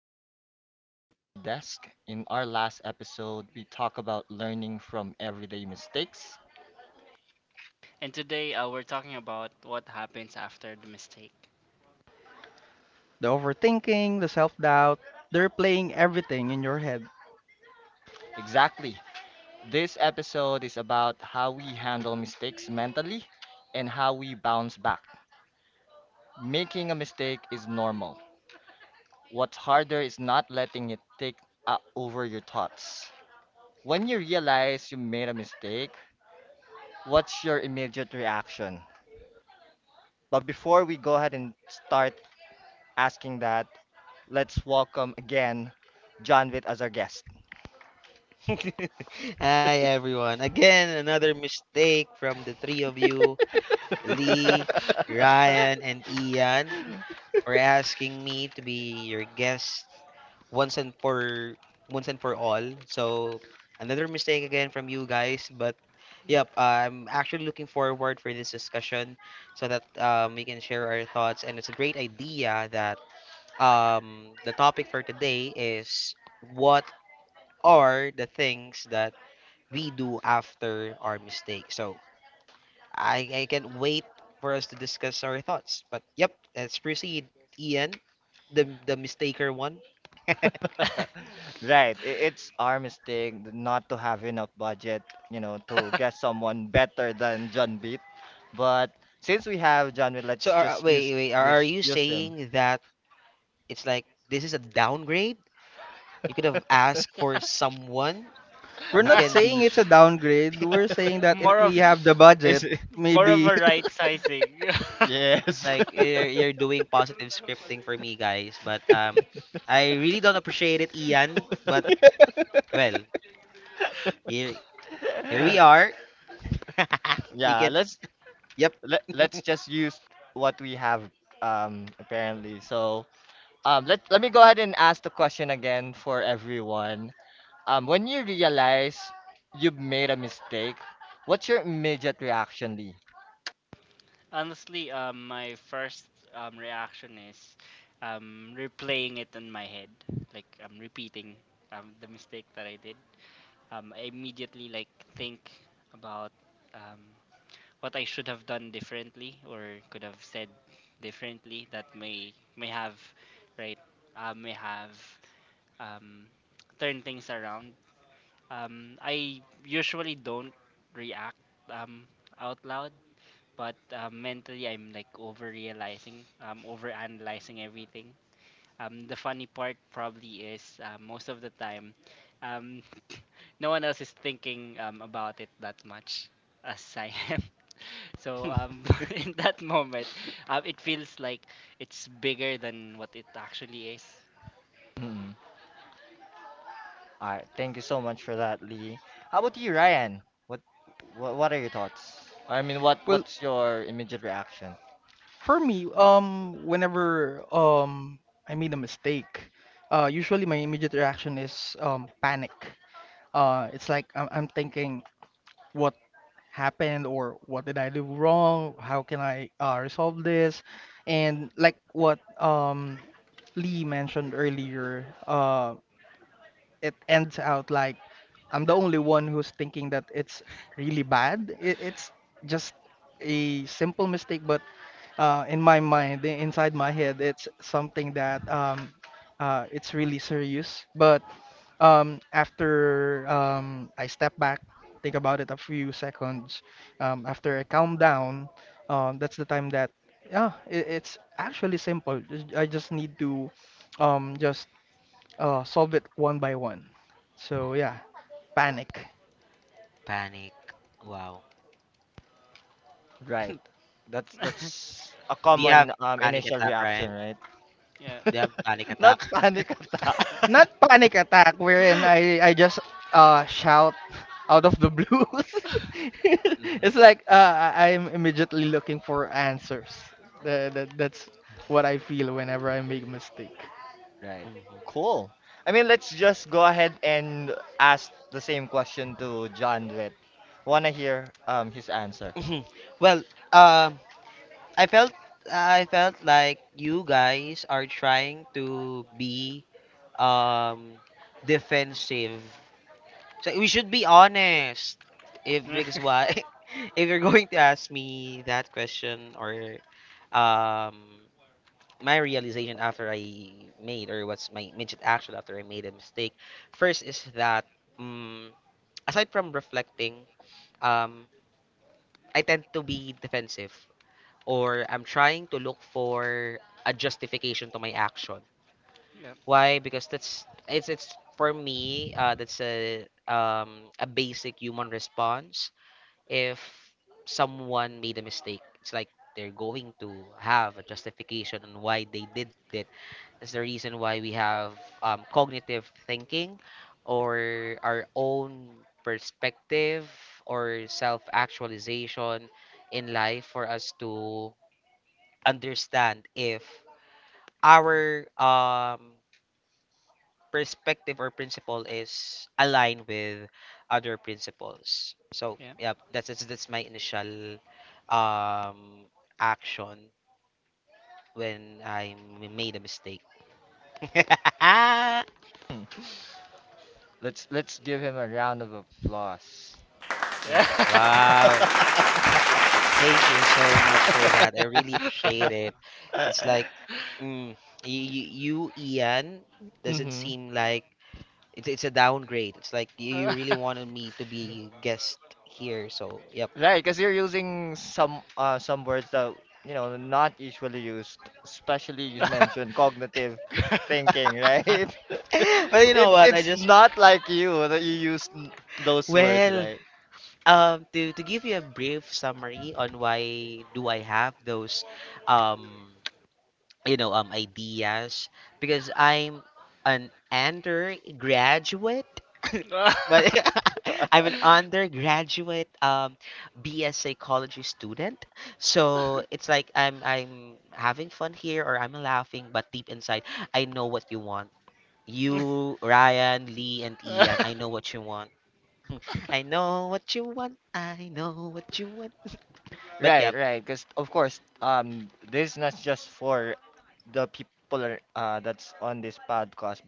Welcome back to the Beyond the Desk. In our last episode, we talked about learning from everyday mistakes. And today we're talking about what happens after the mistake. The overthinking, the self doubt. They're playing everything in your head. Exactly. This episode is about how we handle mistakes mentally and how we bounce back. Making a mistake is normal. What's harder is not letting it take over your thoughts. When you realize you made a mistake, what's your immediate reaction? But before we go ahead and start asking that, let's welcome again John Witt as our guest. Hi everyone. Again, another mistake from the three of you, Lee, Ryan, and Ian, for asking me to be your guest once and for once and for all. So another mistake again from you guys, but yep, I'm actually looking forward for this discussion so that we can share our thoughts, and it's a great idea that the topic for today is what are the things that we do after our mistake. So I can't wait for us to discuss our thoughts. But yep, let's proceed, Ian, the mistaker one. Right, it's our mistake not to have enough budget, you know, to get someone better than John Witt. But since we have John Witt, So let's are, just use wait, wait, are use you use him. saying that it's like this is a downgrade? You could have asked for someone We're who not can saying be. it's a downgrade. We're saying that if more we of have the budget, It's more of maybe. a right sizing. it's Yes. like you're doing positive scripting for me, guys. But I really don't appreciate it, Ian. But well, here here we are. We Yeah, can. let's Yep. Let's just use what we have apparently. So, let me go ahead and ask the question again for everyone. When you realize you've made a mistake, what's your immediate reaction, Lee? Honestly, my first reaction is replaying it in my head, like I'm repeating the mistake that I did. I immediately like think about um, what I should have done differently or could have said differently that may have right may have, um, turn things around. I usually don't react, um, out loud, but mentally I'm like over realizing, over analyzing everything. The funny part probably is most of the time, um, no one else is thinking about it that much as I am. So in that moment, it feels like it's bigger than what it actually is. Mhm. All right, thank you so much for that, Lee. How about you, Ryan? What, what are your thoughts? I mean, well, what's your immediate reaction? for me, whenever I made a mistake, usually my immediate reaction is panic. It's like I'm thinking what happened or what did I do wrong? How can I resolve this? And like what Lee mentioned earlier, it ends out like I'm the only one who's thinking that it's really bad. It's just a simple mistake, but in my mind, inside my head, it's something that it's really serious. But after I step back, think about it a few seconds, after I calm down, that's the time that yeah, it's actually simple. Just- I just need to just solve it one by one. So yeah, panic. Panic. Wow. Right. That's a Do you have common panic initial attack, reaction, Ryan? right? Do you have panic Not attack? panic attack. Not panic attack wherein I just shout out of the blue. It's Mm-hmm. like I'm immediately looking for answers. That's what I feel whenever I make a mistake. Right. Mhm. Cool. I mean, let's just go ahead and ask the same question to John Witt. Wanna hear his answer? Well, um, I felt I felt like you guys are trying to be um defensive. So we should be honest. If yeah. because why, if you're going to ask me that question, or um my realization after I made, or what's my immediate action after I made a mistake, first is that um, aside from reflecting, um, I tend to be defensive, or I'm trying to look for a justification to my action. Yeah, Why? Because that's it's for me. That's a basic human response. If someone made a mistake, it's like they're going to have a justification on why they did it. That's the reason why we have cognitive thinking, or our own perspective, or self actualization in life for us to understand if our perspective or principle is aligned with other principles. So yeah, yeah, that's my initial um action when made a mistake. Yeah. Let's give him a round of applause. yeah. Wow. Thank you so much for that. I really appreciate it. Mm-hmm. It's like mm, you Ian doesn't seem like it's a downgrade. It's like you really wanted me to be guest here. So yep. Right, because you're using some words that you know not usually used, especially you mentioned cognitive thinking, right? But you know it's what? I it's just not like you that you use those words, Well, right? To give you a brief summary on why do I have those, um, you know, ideas because I'm an undergraduate, but I'm an undergraduate BS psychology student. So it's like I'm having fun here, or I'm laughing, but deep inside I know what you want. You, Ryan, Lee, and Ian, I know what you want. I know what you want. I know what you want. But Right, yep, right. Because of course, this is not just for the people are, that's on this podcast, but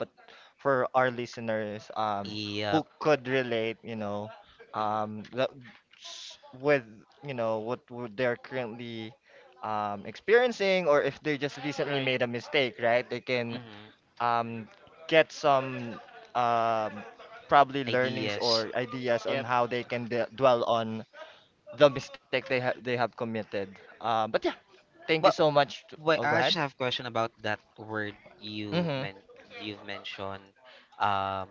for our listeners, who yep. could relate, you know, Mhm, um, the, with you know what would they're currently experiencing, or if they just recently Right. made a mistake, right? They can mhm, um, get some um, probably learnings ideas. or ideas on Yep. how they can d dwell on the mistake they have committed. But yeah, thank you But so much. To, oh, wait, go I ahead. just have a question about that word Mm-hmm. You've mentioned. Um,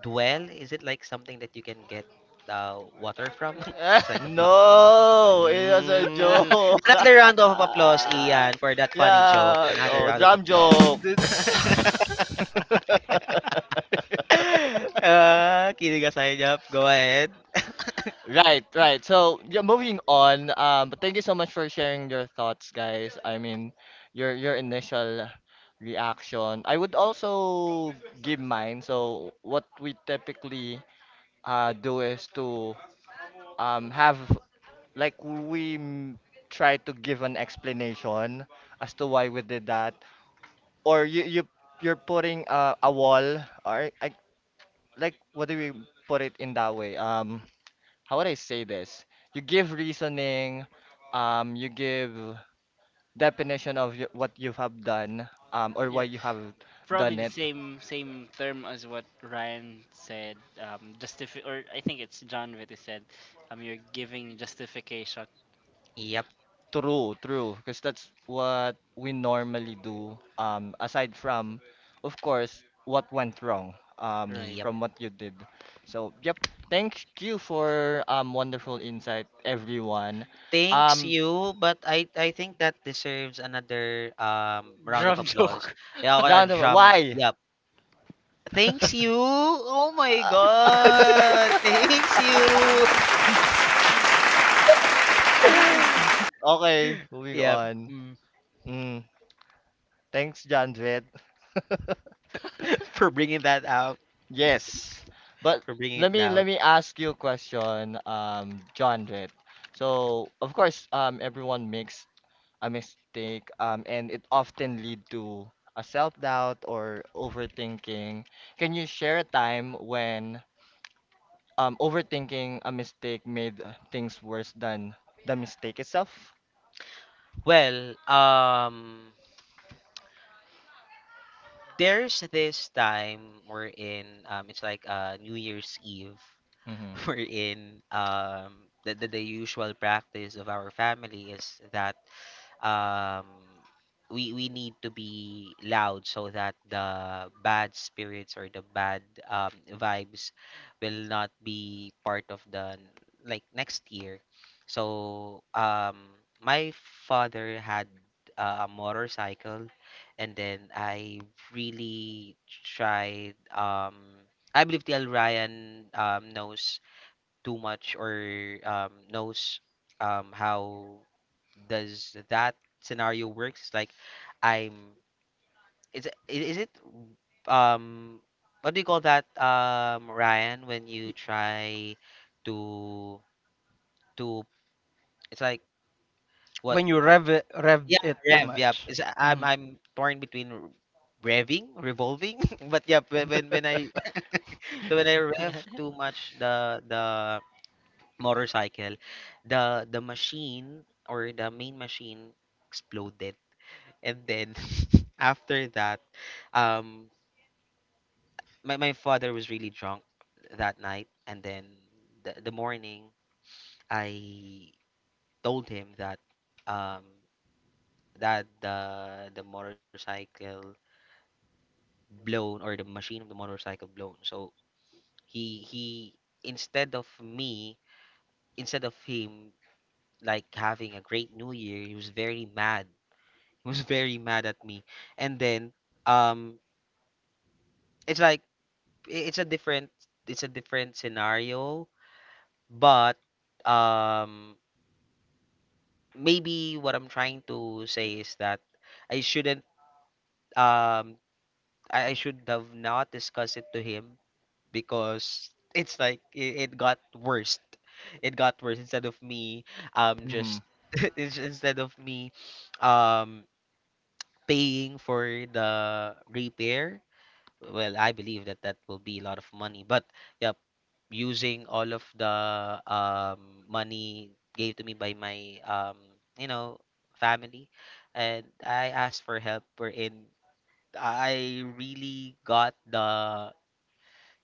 dwell. Is it like something that you can get water from? It's like a buck. No, it was a Mm. joke. Another round of applause, Ian, for that funny joke. Yeah, Another oh, round of drum applause. joke. The- Ah, kilig aside. Yep, go ahead. Right, right. So yeah, moving on. But thank you so much for sharing your thoughts, guys. I mean, your initial reaction. I would also give mine. So what we typically do is to have like try to give an explanation as to why we did that or you you're putting a wall or I, like what do we put it in that way how would I say this you give reasoning you give definition of what you have done or why yeah, you have probably done the it. same term as what Ryan said. Justifi- or I think it's John Vitti said. You're giving justification. Yep. True, true, because that's what we normally do. Aside from, of course, what went wrong, Right. from what you did. So, yep. Thank you for wonderful insight, everyone. Thanks Um, you, but I think that deserves another round of Drum applause. joke. Yeah, okay, or round of drum. why? Yep. Thanks you. Oh my Uh, god. Thanks you. okay, moving Yep. on. Mm. Mm, thanks, Janvet. For bringing that out, Yes, but for bringing it loud. let me ask you a question, John Red. So, of course, everyone makes a mistake, and it often lead to a self-doubt or overthinking. Can you share a time when overthinking a mistake made things worse than the mistake itself? Well, there's this time we're in it's like New Year's Eve Mm-hmm. wherein the usual practice of our family is that um we need to be loud so that the bad spirits or the bad vibes will not be part of the like next year. So my father had a motorcycle, and then I really tried I believe TL Ryan knows too much, or knows how does that scenario works. It's like I'm is it um what do you call that Ryan when you Y- try to to it's like what When you rev yeah it too rev yeah much. it's, hmm I'm torn between revving revolving but yeah when I so when I rev too much the motorcycle, the machine or the main machine exploded. And then after that, um, my father was really drunk that night. And then the morning, I told him that um, that the motorcycle blown, or the machine of the motorcycle blown. So he instead of me, instead of him like having a great new year, he was very mad. He was very mad at me, and then um it's like it's a different scenario, but um maybe what I'm trying to say is that I shouldn't um I should have not discussed it to him because it's like it got worse. Instead of me Mm-hmm. just instead of me um paying for the repair, well I believe that that will be a lot of money, but yeah, using all of the money gave to me by my you know family, and I asked for help wherein I really got the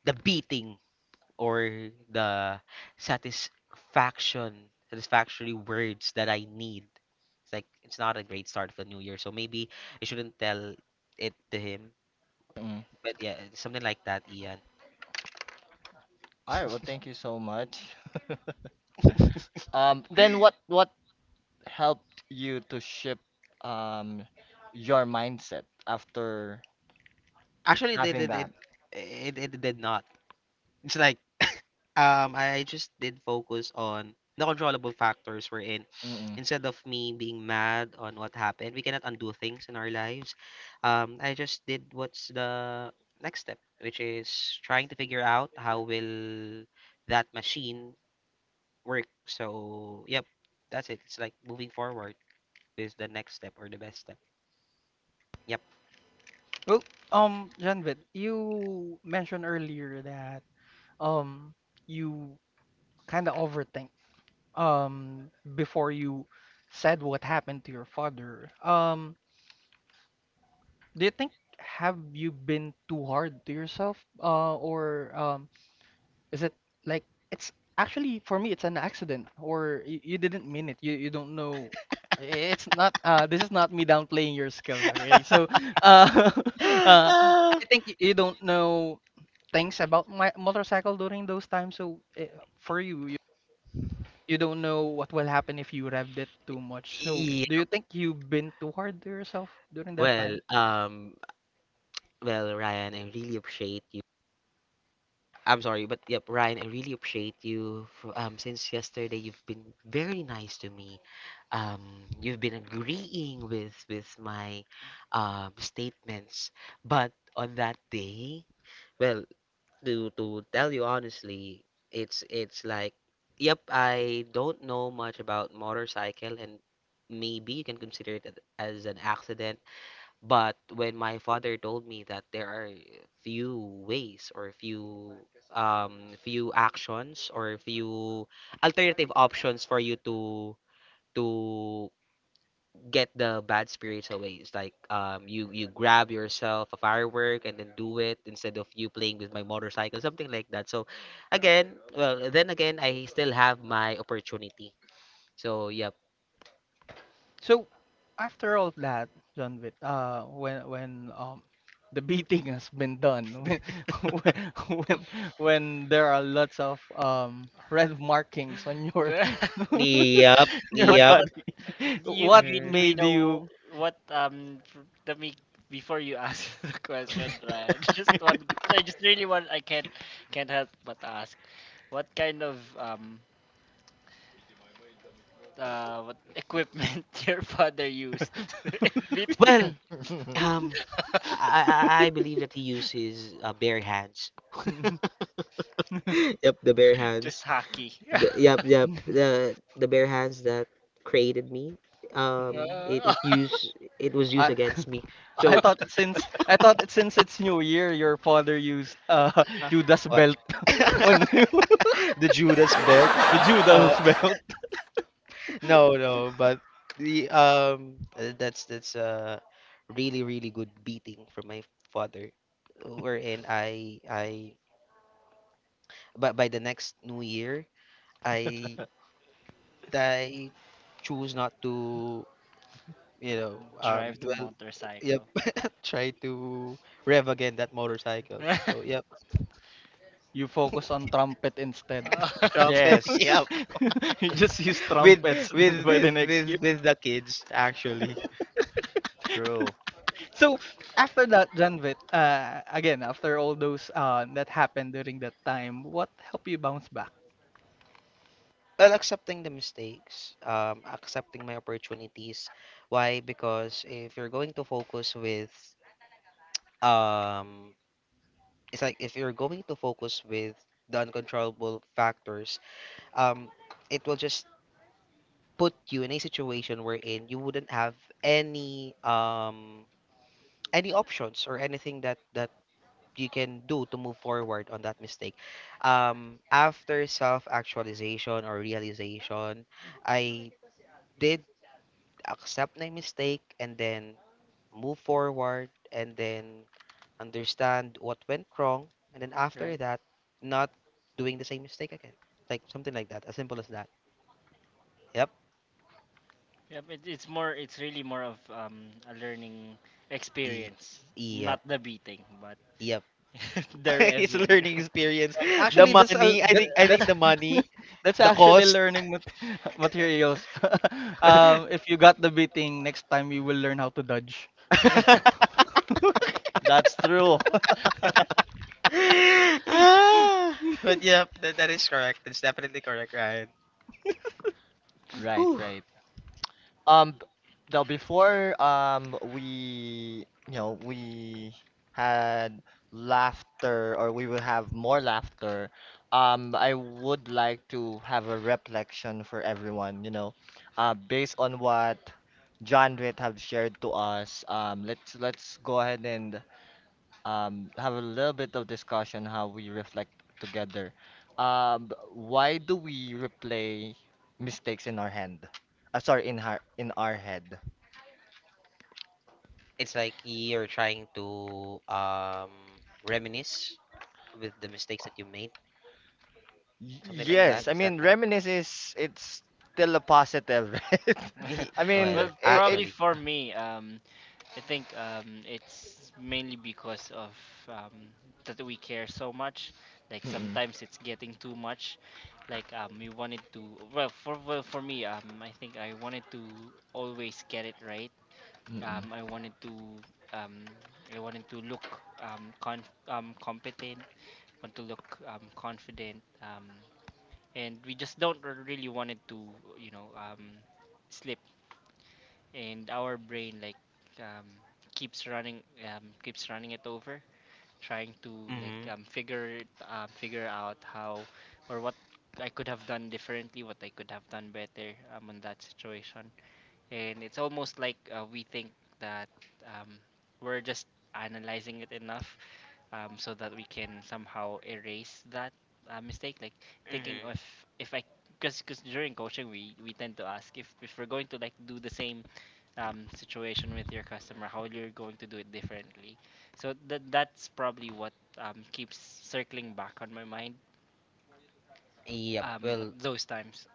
beating, or the satisfaction satisfactory words that I need. It's like it's not a great start of the new year, so maybe I shouldn't tell it to him. Mm-hmm. But yeah, something like that, Ian. All right, well, thank you so much. Then what helped you to shift um your mindset after Actually, they having did it. that? It did not. It's like I just did focus on the controllable factors we're in. Mm-mm. Instead of me being mad on what happened, we cannot undo things in our lives. I just did what's the next step, which is trying to figure out how will that machine work. So, yep, that's it. It's like moving forward is the next step, or the best step. Yep. Well, Janvit, you mentioned earlier that um you kind of overthink um before you said what happened to your father. Do you think, have you been too hard to yourself or is it like, it's actually for me it's an accident, or you didn't mean it, you don't know. It's not this is not me downplaying your skills, okay? So uh uh I Ah, think you don't know things about my motorcycle during those times, so eh, for you, you don't know what will happen if you revved it too much. So, yeah. do you think you've been too hard to yourself during that Well, time? Well, Ryan, I really appreciate you. I'm sorry, but yep, Ryan, I really appreciate you for since yesterday you've been very nice to me. You've been agreeing with my statements. But on that day, well, to tell you honestly, it's like, yep, I don't know much about motorcycle, and maybe you can consider as an accident. But when my father told me that there are few ways or few few actions or few alternative options for you to get the bad spirits away, it's like you grab yourself a firework and then do it instead of you playing with my motorcycle, something like that. So again, well then again, I still have my opportunity. So yep. So, after all that, John Witt, when the beating has been done, when when when there are lots of red markings on your The- on Yep, your what yep. what body, You what Mhm. we made know you? what let me before you ask the question, Ryan. Just one I just really want I can't help but ask what kind of what equipment your father used in beating you? Well, Um, I believe that he uses bare hands. Yep, the bare Just hands. hockey. The, yep, yep. The bare hands that created me. Mm. Uh, It used it was used I against me. So I thought it, since it's New Year, your father used Uh, Judas what? belt on you. The Judas belt. The Uh, Judas belt. no, no, but the that's a really really good beating from my father, wherein I but by the next New Year I I choose not to, you know, Drive the dwell. Yep, motorcycle. try to rev again that motorcycle. So yep, You focus on trumpet instead. Uh, trumpet. Yes, Yep, You just use with trumpets by the next year. With the kids actually. true. So after that, Janvit, again after all those that happened during that time, what helped you bounce back? Well, accepting the mistakes, accepting my opportunities. Why? Because if you're going to focus with, um, it's like if you're going to focus with the uncontrollable factors, um, it will just put you in a situation wherein you wouldn't have any um any options or anything that you can do to move forward on that mistake. After self-actualization or realization, I did accept my mistake, and then move forward, and then understand what went wrong, and then after Right. that not doing the same mistake again. Like something like that, as simple as that. Yep. It's really more of a learning E- yep, experience, not yep. the beating, but E, the it's a revving. learning experience. The Actually, that's It's a money, that I think that's the money, that's the actually cost. learning materials. If you got the beating, next time you will learn how to dodge. That's true. Ah, but yeah, that is correct. That's definitely correct, Ryan. Right, Whew. right. Um, b- now before we you know we had laughter or we will have more laughter. I would like to have a reflection for everyone. You know, based on what John Ritt have shared to us. Let's go ahead and have a little bit of discussion how we reflect together. Why do we replay mistakes in our hand? Sorry, in our head. It's like you're trying to reminisce with the mistakes that you made, something like that. right. Yes, I Is that mean like reminisce is it's still a positive, right? I mean well, th- Well, it. it probably actually. for me, I think it's mainly because of um, that we care so much. Like Mm-mm, sometimes it's getting too much. Like we wanted to. Well, for me, I think I wanted to always get it right. mm-mm. Um, I wanted to. Um, I wanted to look competent. Want to look confident. And we just don't really wanted to you know, slip, and our brain like um, keeps running it over trying to like Mhm. Figure out how or what I could have done differently, what I could have done better on that situation. And it's almost like we think that um, we're just analyzing it enough so that we can somehow erase that mistake. Like thinking Mhm. of if I, because during coaching we tend to ask if we're going to like do the same situation with your customer, how you're going to do it differently. So that that's probably what keeps circling back on my mind Yep. At Well, those times.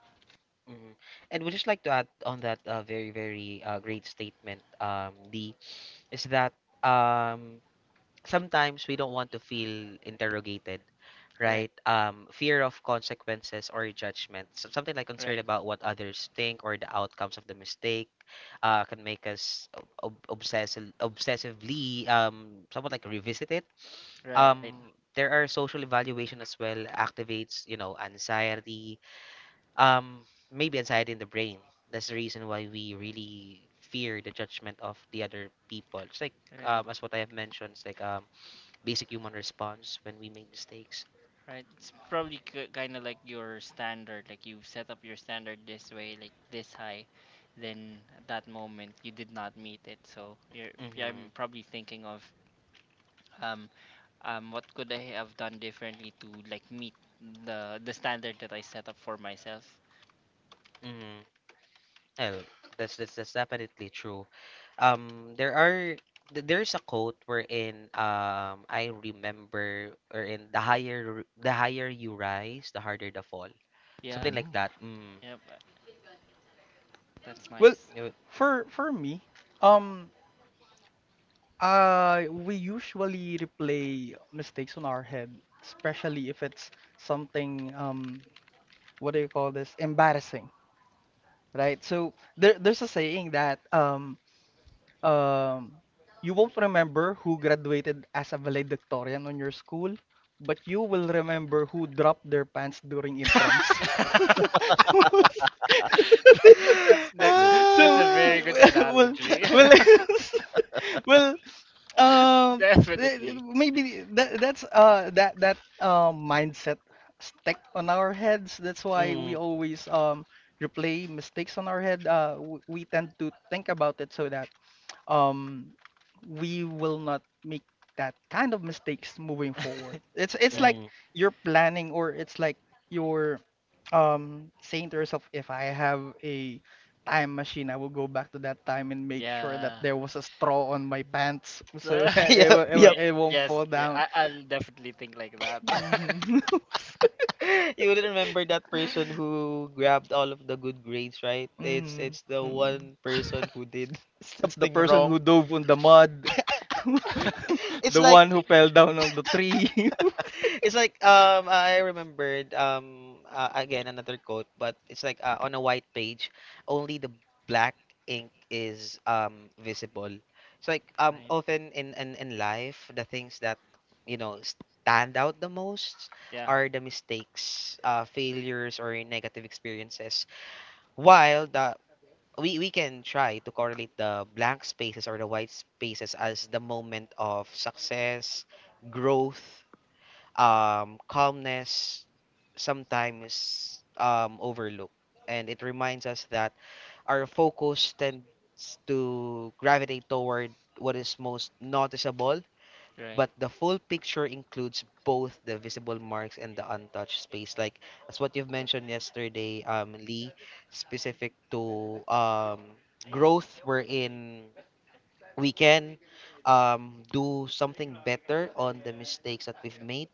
mhm. And would just like to add on that very, very great statement, D, is that um, sometimes we don't want to feel interrogated, Right, right? Fear of consequences or judgment, so something like concern right, about what others think or the outcomes of the mistake, can make us ob obsessive, obsessively, somewhat like revisit it. right, There are social evaluation as well, activates, you know, anxiety um maybe anxiety in the brain. That's the reason why we really fear the judgment of the other people. It's like right. As what I have mentioned, it's like basic human response when we make mistakes. Right. It's probably kind of like your standard. Like you've set up your standard this way, like this high. Then at that moment you did not meet it. So you're. Yeah, I'm Mm-hmm. probably thinking of um what could I have done differently to like meet the standard that I set up for myself. Mm-hmm. Well, that's definitely true. There are there's a quote wherein I remember, or in the higher the higher you rise, the harder the fall, Yeah. something like Mm, that. Mm. Yeah, that's Well, nice. It wa- for for me, um, we usually replay mistakes on our head, especially if it's something, what do you call this, embarrassing, right? So there's a saying that um, you won't remember who graduated as a valedictorian on your school, but you will remember who dropped their pants during intrams. that's that's that's true. that's So, a Ah! very good well, analogy. well, well, um, Definitely. maybe that that's that that mindset stuck on our heads. That's why we Mm, always replay mistakes on our head. We tend to think about it so that um, we will not make that kind of mistakes moving forward. It's it's like Right. mm. you're planning, or it's like you're saying to yourself, if I have a time machine, I will go back to that time and make sure that Yeah. there was a straw on my pants so Uh, that Yep, yeah, yep. it won't yes, fall yeah, down. I'll definitely think like that. hmm You will remember that person who grabbed all of the good grades, right? It's hmm it's the hmm one person who did It's the something person wrong. who dove on the mud, It's the like one who fell down on the tree. It's like I remembered again another quote, but it's like on a white page, only the black ink is visible. It's like Right. often in life, the things that stand out the most Yeah. are the mistakes, failures, or negative experiences. While the we can try to correlate the blank spaces or the white spaces as the moment of success, growth, calmness, sometimes overlooked. And it reminds us that our focus tends to gravitate toward what is most noticeable, You're right. but the full picture includes both the visible marks and the untouched space. Like that's what you've mentioned yesterday, Lee, specific to growth wherein we can, do something better on the mistakes that we've made,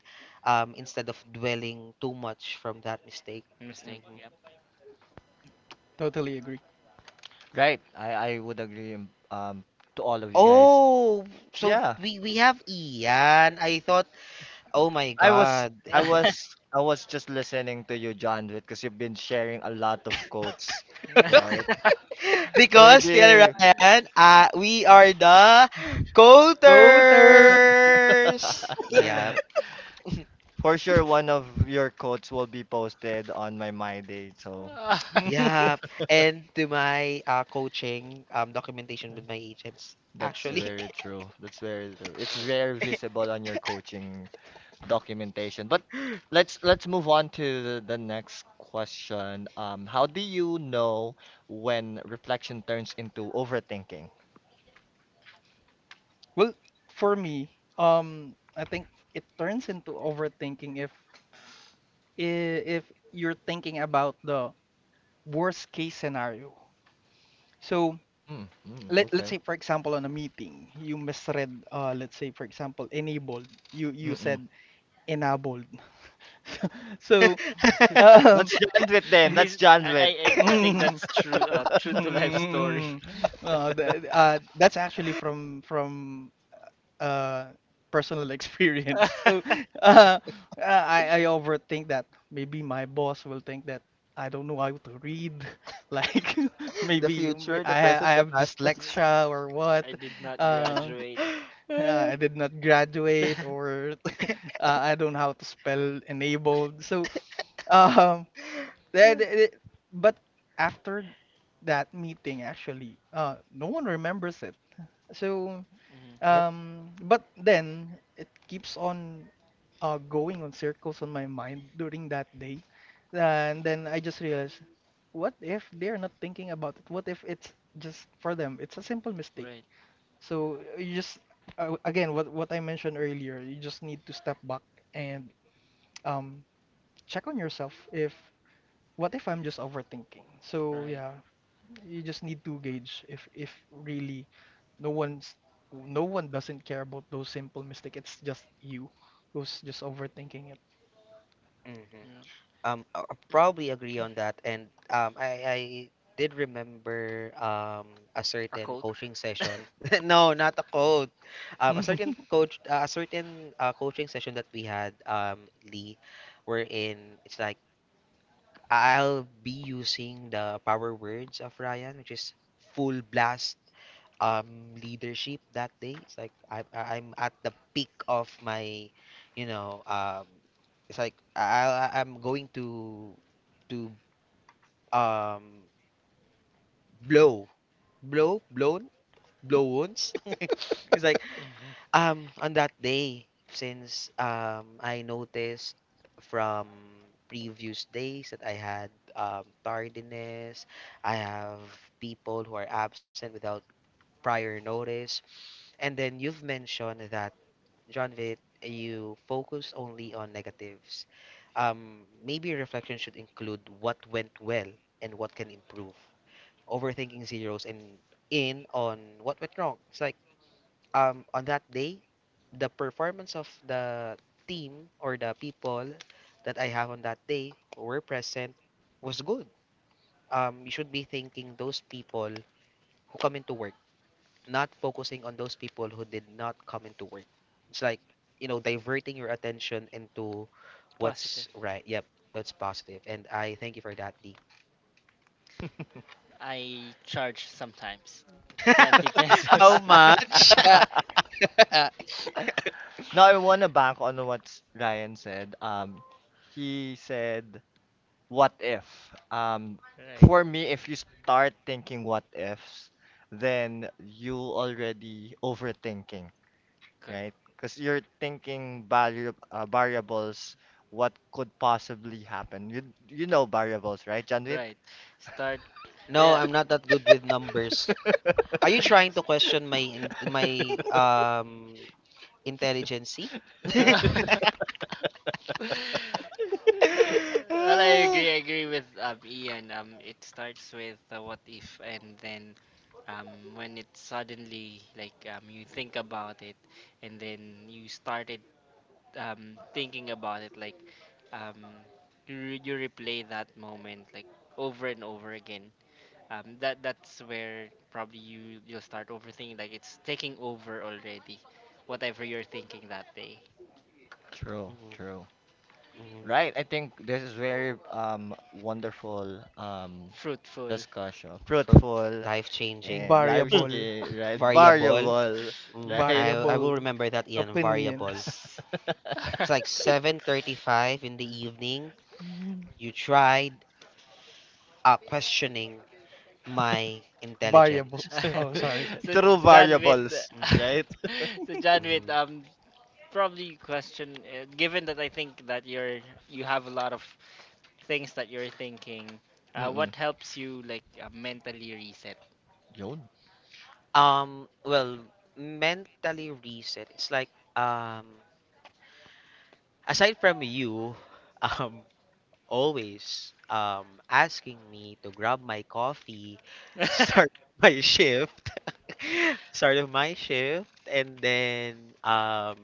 instead of dwelling too much from that mistake. Mistake. Mhm. Yep. Totally agree. Right, I would agree to all of you guys. Oh, so Yeah. we have Ian. I thought, oh my I was God, I was I was just listening to you, John, because you've been sharing a lot of quotes, right? because still Maybe Ryan, we are the Go there. Coaters. Yep, for sure one of your quotes will be posted on my My Day. So yep. And to my coaching documentation with my agents, that's actually. very true. That's very true. It's very visible on your coaching documentation. But let's move on to the next question. How do you know when reflection turns into overthinking? Well, for me, I think it turns into overthinking if you're thinking about the worst case scenario. So Mm, mm, let's okay. say for example on a meeting you misread, let's say for example, enabled. You Mm, mm. said enabled. so um Let's jump with then. Let's Is jump with. I think mm, that's true. True to life story. mm, that's actually from uh personal experience. So uh, I overthink that maybe my boss will think that I don't know how to read like The maybe future, the I present, the have past Mm, tense. dyslexia, or what. I did not uh, graduate. I did not hmm graduate, or I don't know how to spell enabled. So um that, it- but after that meeting, actually, no one remembers it. So Yep. But then it keeps on going on circles on my mind during that day. And then I just realized, what if they're not thinking about it? What if it's just for them? It's a simple mistake. Right. So again, what I mentioned earlier, you just need to step back and um, check on yourself: if what if I'm just overthinking? So Right. yeah, you just need to gauge if really no one's, no one doesn't care about those simple mistakes. It's just you who's just overthinking it. hmm Yeah. I probably agree on that. And I did remember a A certain quote. coaching session. No, not a quote. A certain coaching session that we had, Lee, wherein it's like I'll be using the power words of Ryan, which is full blast leadership that day. It's like I am at the peak of my, you know, um it's like I'm going to um blow blow blown blow wounds. It's like, Hmm on that day, since I noticed from previous days that I had, tardiness, I have people who are absent without prior notice, and then you've mentioned that, John Vitt, you focus only on negatives. Maybe reflection should include what went well and what can improve. Overthinking zeros and in on what went wrong. It's like on that day the performance of the team or the people that I have on that day who were present was good. You should be thanking those people who come into work, not focusing on those people who did not come into work. It's like, diverting your attention into Positive. what's right. Yep, that's positive. And I thank you for that, Lee. I charge sometimes. 20 How pesos. much? Now I wanna bank on what Ryan said. He said, "What if?" Um, right. for me, if you start thinking what ifs, then you already overthinking, Correct. right? Because you're thinking variables, what could possibly happen. You know variables, right, Janwit? Right. Start No, Yeah. I'm not that good with numbers. Are you trying to question my intelligency? Well, I Ah, agree. I agree with Ian. It starts with the what if, and then um, when it suddenly like you think about it, and then you started thinking about it, like um, you you replay that moment like over and over again. That that's where probably you you'll start overthinking. Like it's taking over already. Whatever you're thinking that day, True, mhm, true. mhm. Right, I think this is very wonderful fruitful. discussion. Fruit Fruitful life changing. and life Hmm. Variable, skill, right? Variable. Variable, Mm, right? I will Variable remember that, Ian. Variable. opinions. It's like 7:35 in the evening. Mm, You tried, questioning my intelligence. variables. Oh, sorry. so True John with variables, Mhm, right? so John with mhm. Probably question, given that I think that you're you have a lot of things that you're thinking, Mm-mm. what helps you like mentally reset? Yun. Well, mentally reset. It's like um aside from you um always asking me to grab my coffee, start my shift start of my shift, and then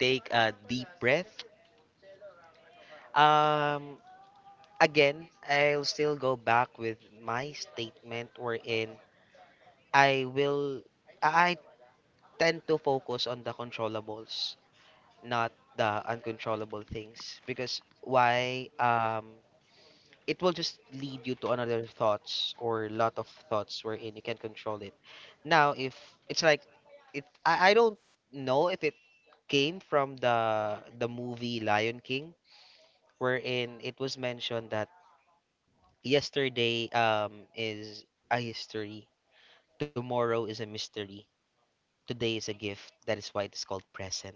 take a deep breath, um again I'll still go back with my statement wherein i will I tend to focus on the controllables, not the uncontrollable things, because why, it will just lead you to another thoughts or lot of thoughts wherein you can control it. Now, if it's like I, don't know if it came from the movie Lion King, wherein it was mentioned that yesterday is a history, tomorrow is a mystery, today is a gift. That is why it is called present.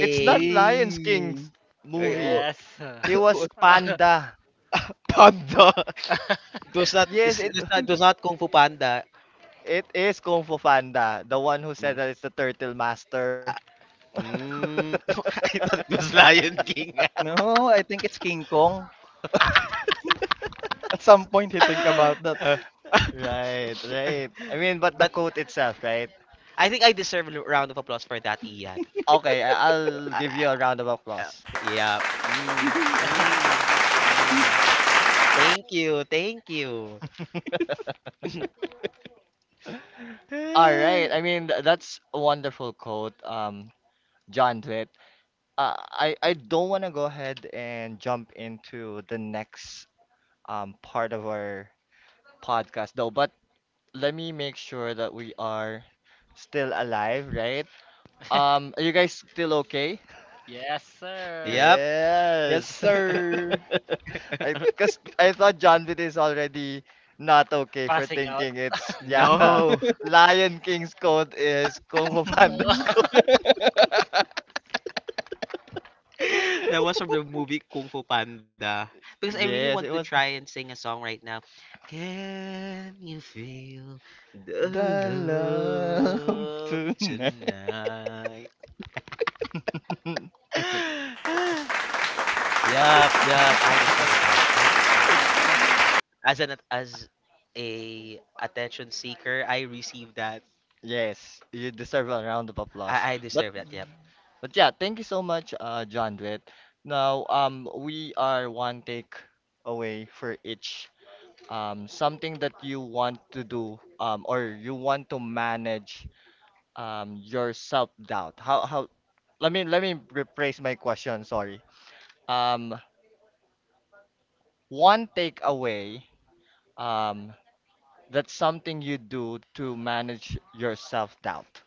It's not Lions Hey, King's Eh, wo- movie. Yes, sir. It was Panda. Panda. It was not. Yes, it It's not. It was not Kung Fu Panda. Is Kung Fu Panda, the one who said Hmm. that it's the Turtle Master. Ah, hmm. I thought it was Lion King. no, I think it's King Kong. At some point, he think about that. Uh, Right, right. I mean, but the But quote itself, right? I think I deserve a round of applause for that, Ian. Okay, I'll give Uh, you a round of uh, applause. yeah. Mm, mm, mm. Thank you. Thank you. All right. I mean, that's a wonderful quote, John Dwight. I don't want to go ahead and jump into the next part of our podcast though, but let me make sure that we are still alive, right? Are you guys still okay? Yes, sir. Yep. Yes, Yes. sir. I because I thought John Wick is already not okay for Passing out. thinking it's yeah. No. Lion King's code is Kung Fu Panda's code. That was from the movie Kung Fu Panda. Because I really Yes, want it to was. try and sing a song right now. Can you feel the The love love tonight. tonight? Yup, yup. I deserve that. I deserve that. As a attention seeker, I receive that. Yes, you deserve a round of applause. I But deserve that. Yep. but yeah, thank you so much, John Dwight. Now, we are one take away for each. Something that you want to do, or you want to manage your self-doubt? How let me rephrase my question, sorry. Um, one takeaway um that's something you do to manage your self-doubt.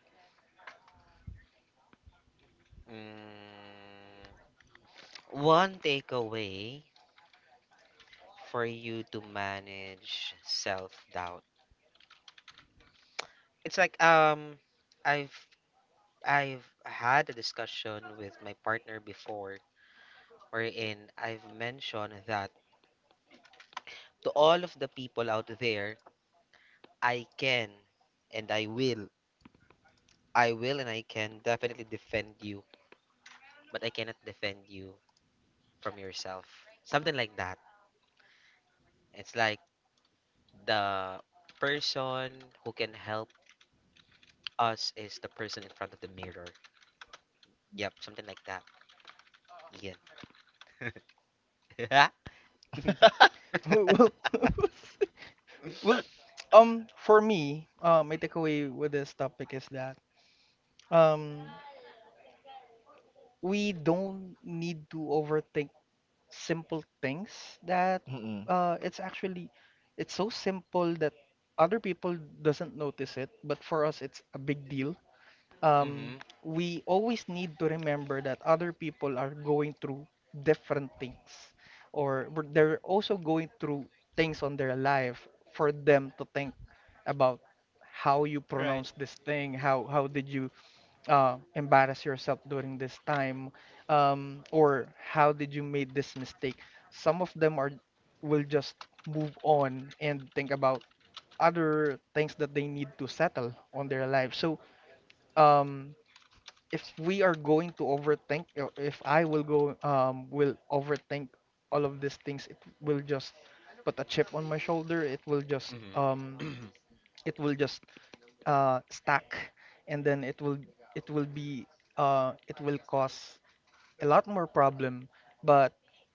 Mm, one takeaway for you to manage self doubt. It's like I've I've had a discussion with my partner before wherein I've mentioned that to all of the people out there, I can and I will. I will and I can definitely defend you, but I cannot defend you from yourself. Something like that. It's like the person who can help us is the person in front of the mirror. Yep, something like that. Yeah. Well, well, for me, my takeaway with this topic is that um, we don't need to overthink simple things that Mm-mm. It's actually, it's so simple that other people doesn't notice it, but for us it's a big deal. um, Mm-hmm. we always need to remember that other people are going through different things, or they're also going through things on their life, for them to think about how you Right, pronounce this thing, how did you embarrass yourself during this time, or how did you make this mistake. Some of them are will just move on and think about other things that they need to settle on their life. So um if we are going to overthink, if I will overthink all of these things, it will just put a chip on my shoulder, it will just Mhm. Mhm. it will just stack, and then it will be it will cause a lot more problem. But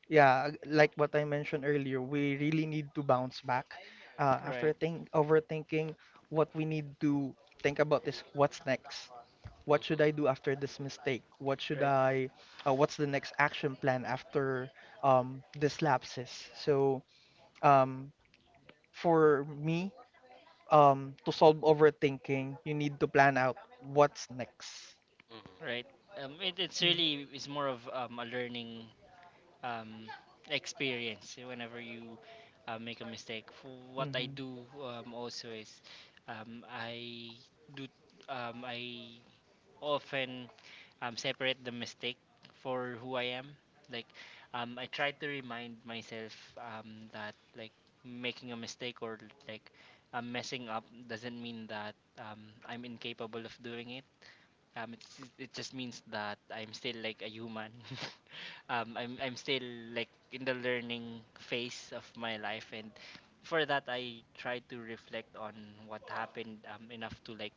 yeah, like what I mentioned earlier, we really need to bounce back right, after think overthinking. What we need to think about is what's next. What should I do after this mistake? Right What's the next action plan after this lapses? So um, for me, to solve overthinking, you need to plan out what's next. right, Mhm. it's really it's more of a learning um, experience whenever you make a mistake. What I Mm-hmm. do also is um, I do I often separate the mistake for who I am. Like I try to remind myself that like making a mistake or like messing up doesn't mean that I'm incapable of doing it. It's, it just means that I'm still like a human. I'm still like in the learning phase of my life, and for that I try to reflect on what happened enough to like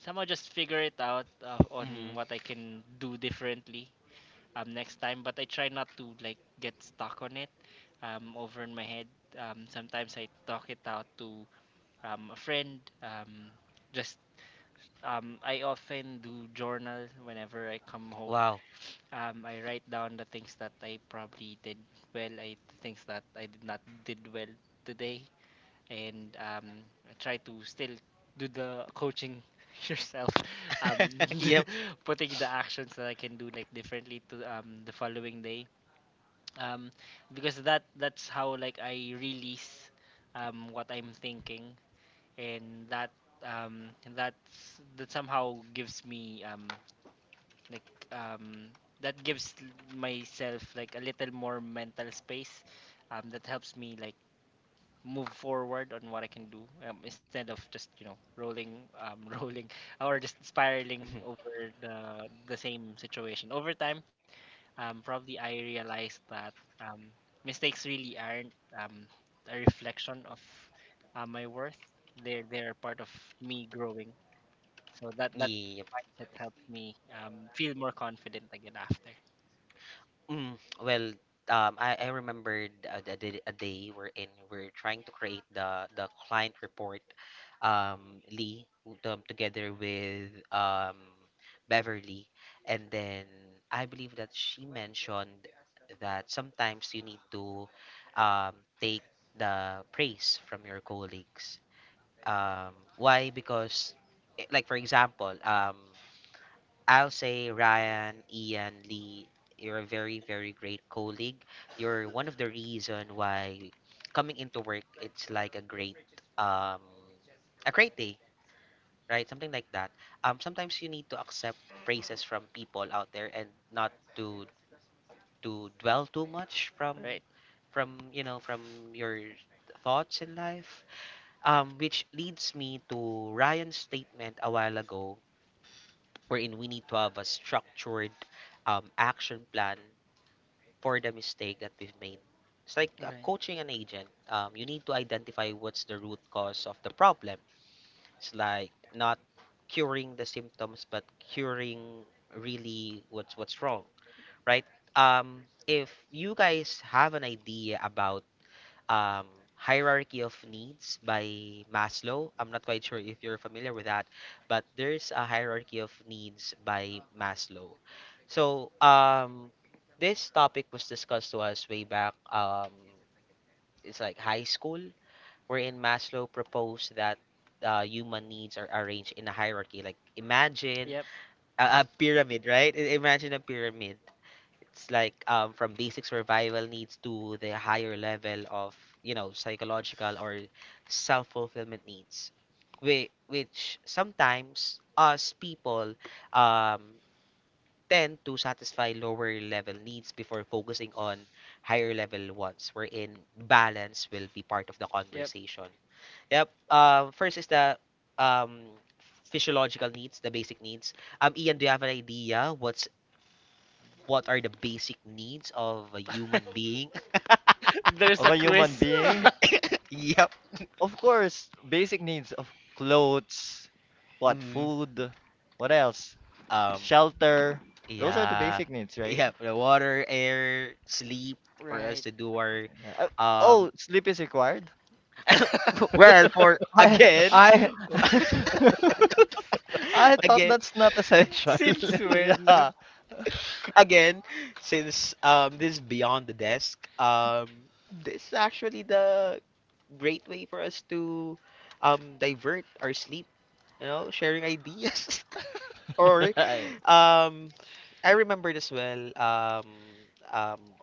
somehow just figure it out on Mhm. what I can do differently next time. But I try not to like get stuck on it over in my head. Sometimes I talk it out to a friend. Just I often do journal whenever I come home. Wow. I write down the things that I probably did well, I the things that I did not did well today, and I try to still do the coaching yourself. Um, Yep. putting the actions that I can do like differently to the following day. Um, because that that's how like I release what I'm thinking, and um that's that somehow gives me like um that gives l- myself like a little more mental space that helps me like move forward on what I can do, instead of just you know rolling rolling or just spiraling Mhm. over the same situation over time. Probably I realized that um, mistakes really aren't um, a reflection of my worth. They're part of me growing. So that that Yep. mindset helps me feel more confident again after. Mm. Well, I remembered a day wherein we're trying to create the client report, Lee, together with Beverly, and then I believe that she mentioned that sometimes you need to, um, take the praise from your colleagues. Why? Because, like for example, I'll say Ryan, Ian, Lee, you're a very, very great colleague. You're one of the reason why coming into work, it's like um, a great day, right? Something like that. Sometimes you need to accept praises from people out there and not to dwell too much from Right. from you know from your thoughts in life, which leads me to Ryan's statement a while ago, wherein we need to have a structured, action plan for the mistake that we've made. It's like, Right. coaching an agent. You need to identify what's the root cause of the problem. It's like not curing the symptoms, but curing really what's wrong, right? If you guys have an idea about, um, hierarchy of needs by Maslow. I'm not quite sure if you're familiar with that, but there's a hierarchy of needs by Maslow. So this topic was discussed to us way back. It's like high school, wherein Maslow proposed that, human needs are arranged in a hierarchy. Like imagine Yep. A pyramid, right? Imagine a pyramid. It's like, from basic survival needs to the higher level of, psychological or self-fulfillment needs which sometimes us people, um, tend to satisfy lower level needs before focusing on higher level ones wherein balance will be part of the Yep. conversation. Yep. First is the um physiological needs, the basic needs. Ian, do you have an idea what are the basic needs of a human being? There's Of a a human quiz. being, Yep. of course, basic needs of clothes, what hmm food, what else? Um, Shelter. Those are Right. the yeah. basic needs, right? Yep, the water, air, sleep for us Right. to do our Yeah. Um Oh, sleep is required. well, for I, again I, I thought again, that's not essential. Since when? Yeah. again since this is beyond the desk, this is actually the great way for us to divert our sleep, sharing ideas. Or Right. um I remembered as well, um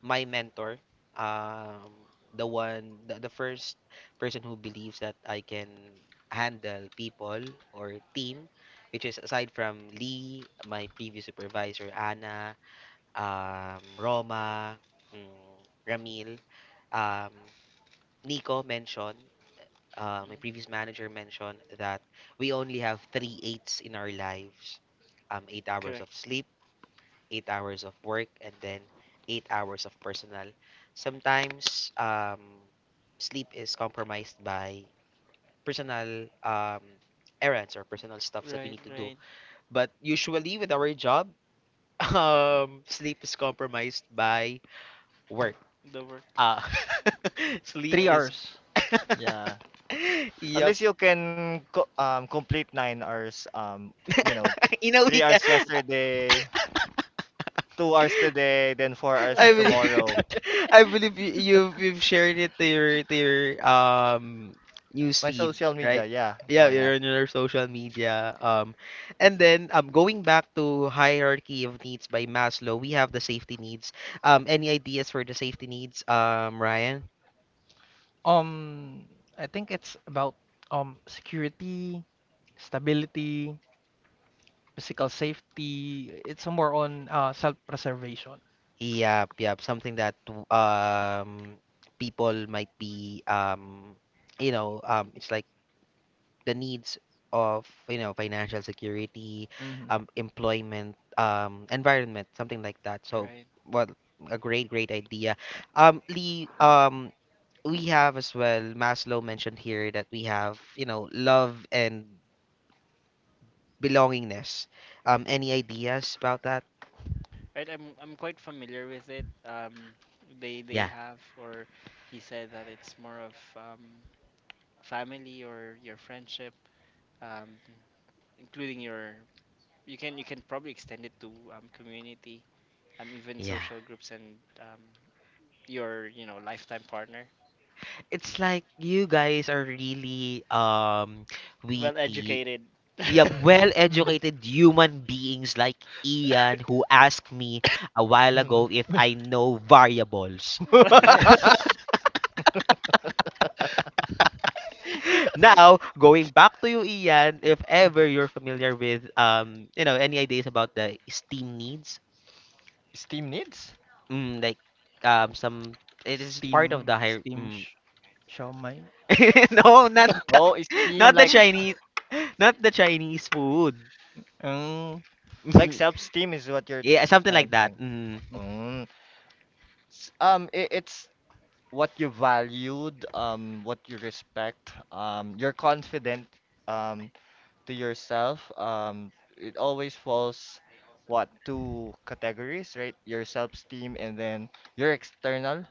my mentor, the one, the first person who believes that I can handle people or team, which is aside from Lee my previous supervisor Anna, Roma, mm, Ramil, um Nico mentioned, Mm, my previous manager mentioned that we only have three eights in our lives, 8 hours of correct. sleep, 8 hours of work, and then 8 hours of personal. Sometimes sleep is compromised by personal, errands or personal stuffs that we Right. need to do. Right. But usually with our job, sleep is compromised by work. The work. Uh, sleep Three Right. is. hours. Yeah. At Yep. least you can complete 9 hours. You know, Inawi three ka. hours yesterday, 2 hours today, then four hours I Right, believe tomorrow. I believe you've shared it to your um news My feed, social media, right? yeah, Yeah, yeah, yeah. you're on your social media. And then going back to hierarchy of needs by Maslow, we have the safety needs. Any ideas for the safety needs, Ryan? Um, I think it's about security, stability, physical safety. It's more on self-preservation. Yep, yep, something that um people might be, it's like the needs of, financial security, Mm-hmm. Employment, environment, something like that. So, well, a great, great idea. Lee, we have as well. Maslow mentioned here that we have, love and belongingness. Any ideas about that? Right, I'm quite familiar with it. They Yeah, have, or he said that it's more of family or your friendship, um, including your. You can probably extend it to community, even yeah. social groups, and your you know lifetime partner. It's like you guys are really Well witty. educated. Yep, Mm-hmm. well-educated human beings like Ian who asked me a while Hmm. ago if I know variables. Yes, Now, going back to you, Ian, if ever you're familiar with, any ideas about the STEAM needs, STEAM needs. mm, like, some it is part of the higher. Steam Mm. Siomai. No, not the, Oh, STEAM not the Chinese, not the Chinese food. Mm. like self STEAM is what you're Yeah, something like trying to that. point. Mm, Mm. Mm. I it's what you valued, what you respect, you're confident, um, to yourself, it always falls what two categories, right? Your self-esteem and then your external,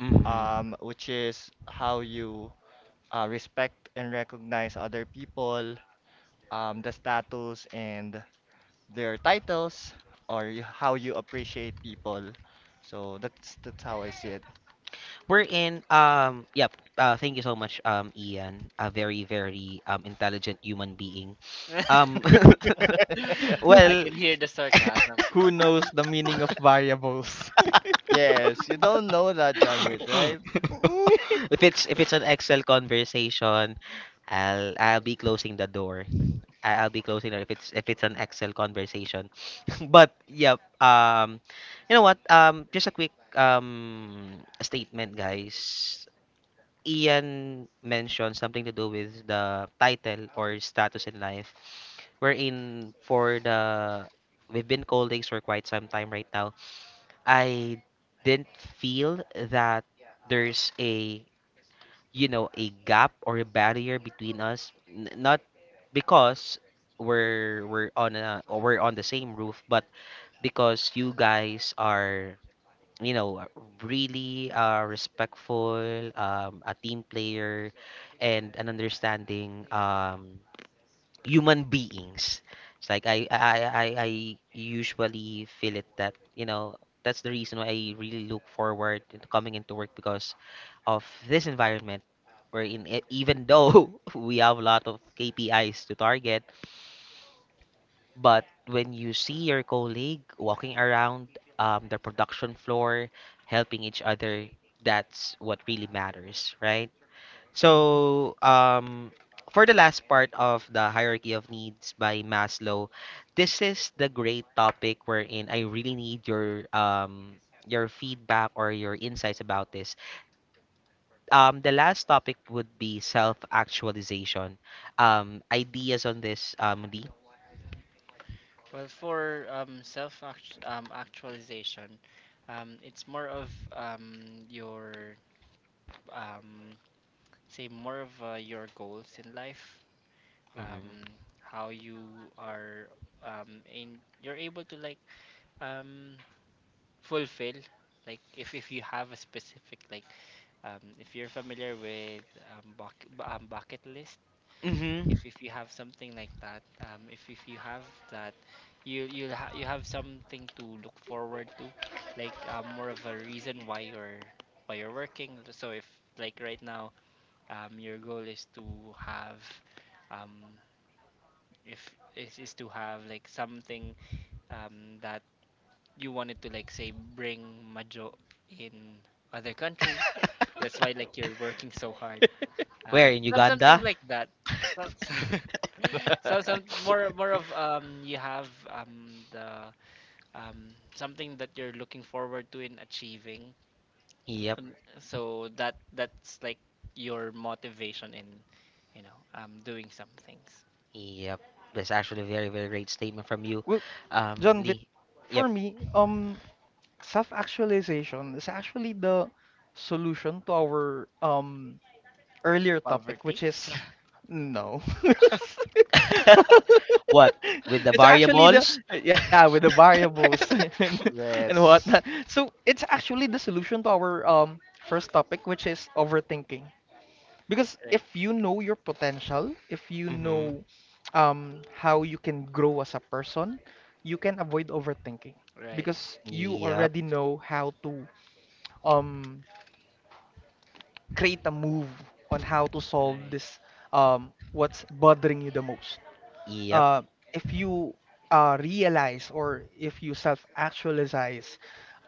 mm. Which is how you respect and recognize other people, the status and their titles, or how you appreciate people. So that's how I see it. We're in yep. Thank you so much, Ian. A very, very intelligent human being. Um, I well, can hear the sarcasm. Who knows the meaning of variables? Yes, you don't know that, John Wick, right? if it's an Excel conversation, I'll be closing the door. I'll be closing it if it's an Excel conversation. But yep. You know what? Just a quick statement, guys. Ian mentioned something to do with the title or status in life. We're in for the we've been colleagues for quite some time right now. I didn't feel that there's a you know a gap or a barrier between us. Not because we're on the same roof, but because you guys are you know, uh, really respectful, a team player, and an understanding human beings. It's like I usually feel it that, that's the reason why I really look forward to coming into work because of this environment wherein even though we have a lot of KPIs to target, but when you see your colleague walking around the production floor, helping each other. That's what really matters, right? Mhm. So, for the last part Right? of the hierarchy of needs by Maslow, this is the great topic wherein I really need your feedback or your insights about this. The last topic would be self-actualization. Ideas on this, Lee? Well, for self actualization, it's more of your um, say more of your goals in life, um, Mm-hmm. how you are in you're able to like um, fulfill, like if you have a specific like if you're familiar with um, buck, bucket list. Like Mm-hmm. If you have something like that, if you have that, you'll you have something to look forward to, like more of a reason why you're working. So if like right now, your goal is to have, um, if is, is to have like something that you wanted to like say bring majo in other country. That's why like you're working so hard um Where in some something Uganda? like that, so, so, so some more more of you have the something that you're looking forward to in achieving, Yep. um, so that that's like your motivation in you know doing some things. Yep, that's actually a very, very great statement from you, Well, John Vitt, Lee. Yep. for me, self-actualization is actually the solution to our earlier topic, Poverty. which is — no. What with the It's actually the variables? Yeah, with the variables and whatnot. Yes. So it's actually the solution to our first topic, which is overthinking. Because Right, if you know your potential, if you Mm-hmm. know how you can grow as a person, you can avoid overthinking right, because you Yep, already know how to um create a move on how to solve right. this what's bothering you the most. yep. uh, if you realize, or if you self actualize,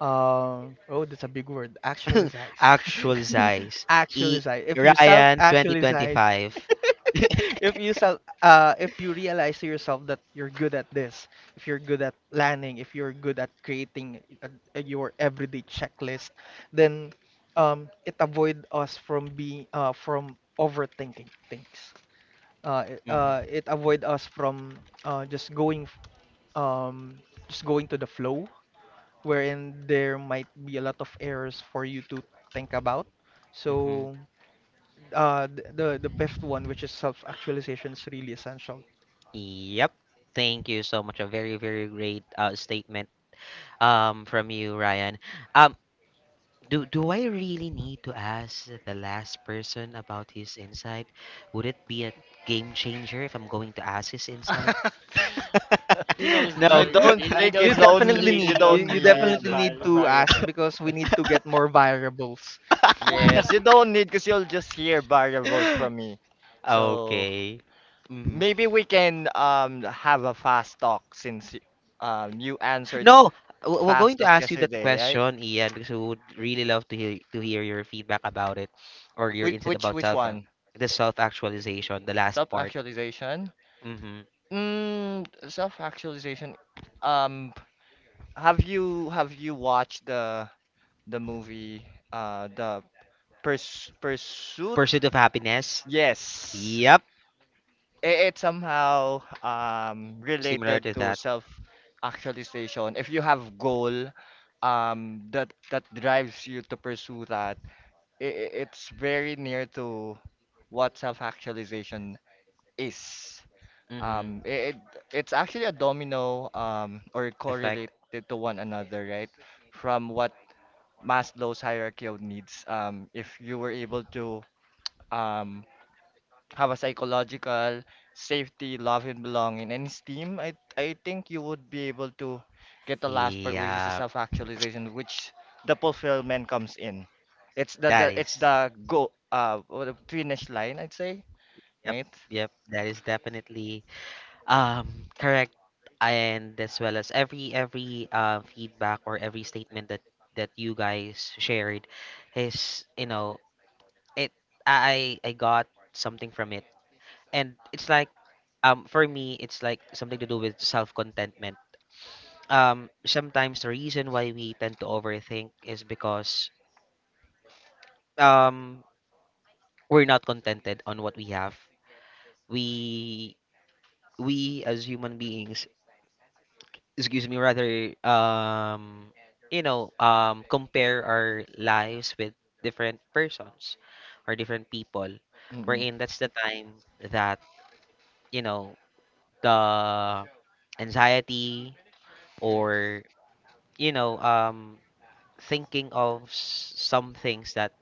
oh, that's a big word, actualize, Actual size. E actualize. If you self Ryan actualize, 2025. if if you realize to yourself that you're good at this, if you're good at planning, if you're good at creating your everyday checklist, then it avoid us from being from overthinking things, Mm-hmm. it avoid us from um, just going to the flow wherein there might be a lot of errors for you to think about. Mm-hmm. So the fifth one, which is self actualization, is really essential. Yep. Thank you so much. A very, very great statement from you, Ryan. Um, do I really need to ask the last person about his insight? Would it be a game changer if I'm going to ask his insight? he knows I No. you the you, don't he, uh, he think knows you he knows the definitely you need — meaning of don't you need. Definitely need to ask variables. because we need to get more variables. Yes, you don't need because you'll just hear variables from me. So Okay. Mhm. maybe we can have a fast talk since you answered No, we're going fast to talk ask you that yesterday, right? question, Ian, because we would really love to hear your feedback about it or your insight about Which self one? the self-actualization, the last part. Self-actualization? Hmm. Mm, self-actualization. Um, have you watched the movie the Pursuit? Pursuit of happiness. Yes. Yep, It's somehow similar related to to that. self actualization. If you have goal that drives you to pursue that, it it's very near to what self actualization is. Mm-hmm. It it's actually a domino or Effect. correlated to one another, right? From what Maslow's hierarchy of needs. If you were able to um have a psychological safety, love and belonging. And STEAM, I think you would be able to get the last part, which is the Yeah, self-actualization, which the fulfillment comes in. It's that the it's is. the go or the finish line, I'd say, Yep, right? yep. That is definitely um correct, and as well as every feedback or every statement that you guys shared is, you know, it. I got something from it, and it's like for me it's like something to do with self contentment. Sometimes the reason why we tend to overthink is because um we're not contented on what we have. We we as human beings excuse me rather compare our lives with different persons or different people Mm-mm. wherein that's the time that, you know the anxiety Right. or, you know um thinking of some things that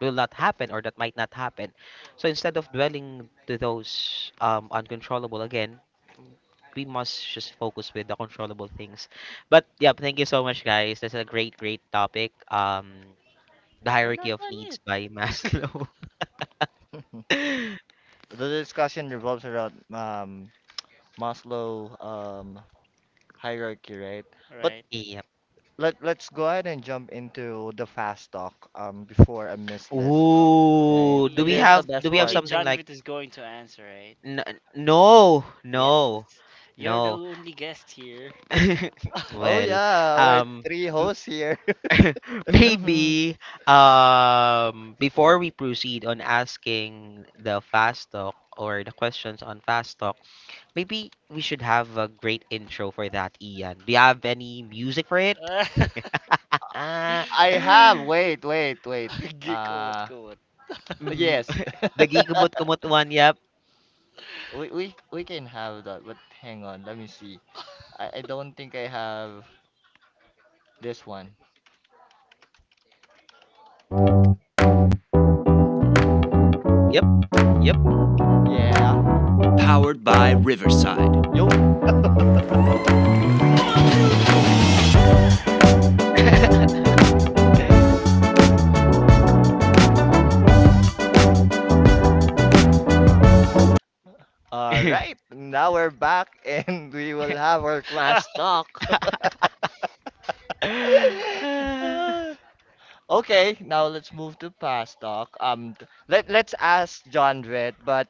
will not happen or that might not happen. So instead of dwelling to those uncontrollable again, we must just focus with the controllable things. But yeah, thank you so much, guys. That's a great, great topic. The We're hierarchy not of done yet. needs by Maslow. The discussion revolves around Maslow hierarchy, right? But Right. Yep. Let's go ahead and jump into the fast talk before I miss this, right? Ooh, So do Okay, we and this is the it's have do best we have only part. something John like Vitt is going to answer, right? n- n- no, Yes, no, you're the no? only guest here. Oh Well, yeah, we're um, three hosts here. Mm-hmm. maybe before we proceed on asking the fast talk or the questions on fast talk, maybe we should have a great intro for that, Ian. Do you have any music for it? Ah, Ah, I have. Wait. Kuwat, Uh, kuwat. mm, yes, the gikumut kumut one. Yep, we can have that. But hang on, let me see. I don't think I have this one. yep, yep. Yeah. Yo. Mm. All right. Now we're back, and we will have our class talk. Ah, Ah, okay. Now let's move to past talk. Let let's ask John Red, but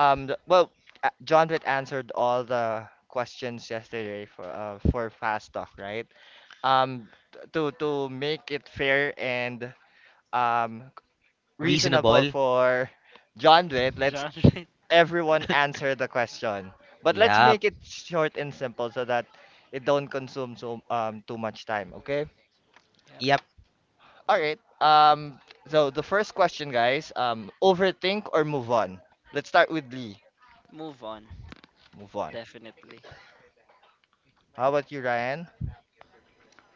um, well, John Witt answered all the questions yesterday for Fast Talk, right? To make it fair and um reasonable reasonable. for John Witt, let's John Vitt. everyone answer the question, but let's Yep, make it short and simple so that it don't consume so too much time. Okay? Yep. yep. All right. So the first question, guys. Overthink or move on. Let's start with Lee. Move on, Move on. definitely. How about you, Ryan?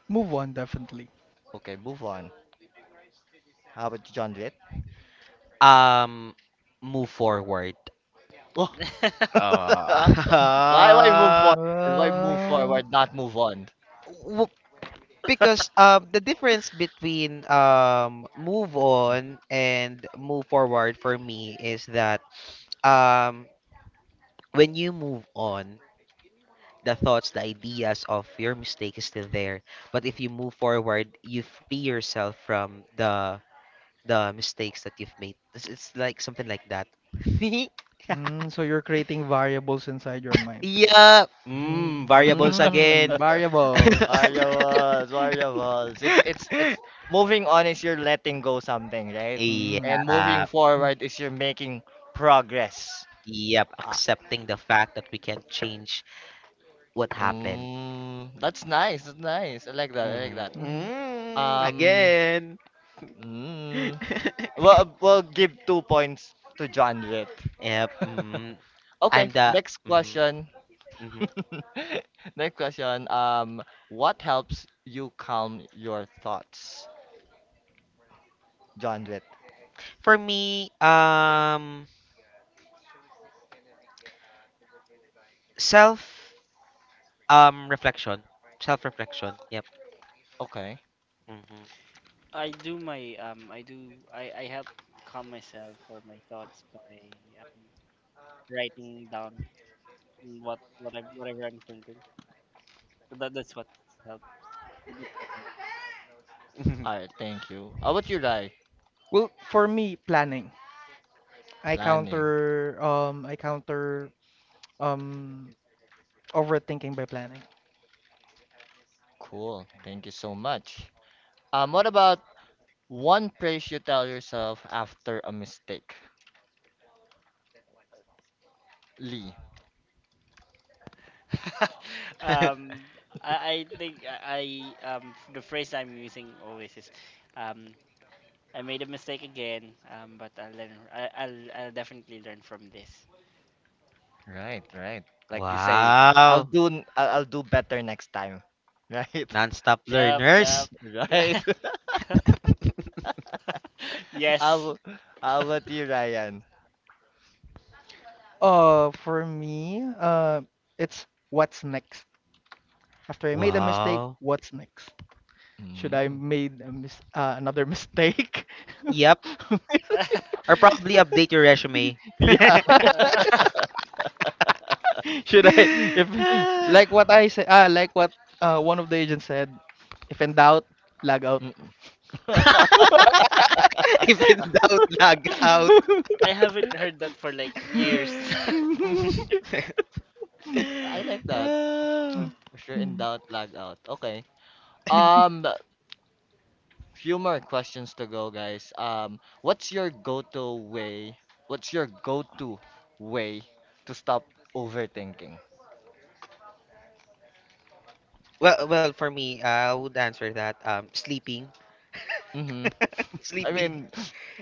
Move on, definitely. Okay, move on. How about John Vitt? Um, Move forward. Wha- Why move Uh, forward? Why move uh, forward, not move on? w- because the difference between move on and move forward for me is that um when you move on, the ideas of your mistake is still there, but if you move forward you free yourself from the mistakes that you've made. It's like something like that. So you're creating variables inside your mind. Yeah, variables Mm, again. variables. Variables, variables. It's moving on is you're letting go something, right? Mm. And moving Yeah. forward is you're making progress. Yep, Ah, accepting the fact that we can't change what happened. mm, that's nice. That's nice. I like that. I like Hmm. that. Mhm. Mm, Um, again. mm, well, we'll give 2 points to John Witt. Yep. Mm, Okay, I'm the. next Hmm. question. Hmm. Next question. What helps you calm your thoughts? John Dwight. For me, self, um, reflection, self reflection. Yep. Okay. Hmm. I do my I do I help calm myself or my thoughts by um, writing down what I whatever I'm thinking. So that that's what helps. That's what All right. Thank you. How about you, Rai? Well, for me, planning. Planning. I counter um overthinking by planning. Cool. Thank you so much. What about one praise you tell yourself after a mistake? Lee. um, I think the phrase I'm using always is, um, I made a mistake again. But I'll learn. I'll definitely learn from this. Right. Right. Like you say, I'll Wow. do. n- I'll, I'll do better next time. Right. Non-stop Yep. Yep. learners. Right. Yes. How, how about you, Ryan? For me, it's what's next. After I made a mistake, Wow. what's next? Should I Mm. made a mis another mistake? Yep. Or probably update your resume. Yeah. Uh, Should I if Ah. Like what I say — ah, like what one of the agents said, if in doubt, log out. Mm. If in doubt, log out. I haven't heard that for like years. I like that. Ah. If you're in doubt, lag out. Okay. Um, few more questions to go, guys. What's your go-to way to stop overthinking? Well, for me, I would answer that sleeping, Mm-hmm. I sleeping. mean,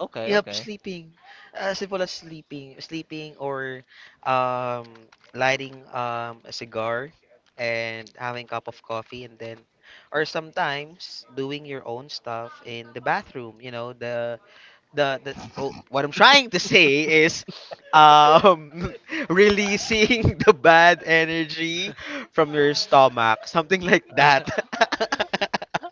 okay, Yep, okay. sleeping. Simple as sleeping, sleeping, or lighting a cigar and having cup of coffee, and then or sometimes doing your own stuff in the bathroom, you know, the oh, what I'm trying to say is um releasing the bad energy from your stomach, something like that.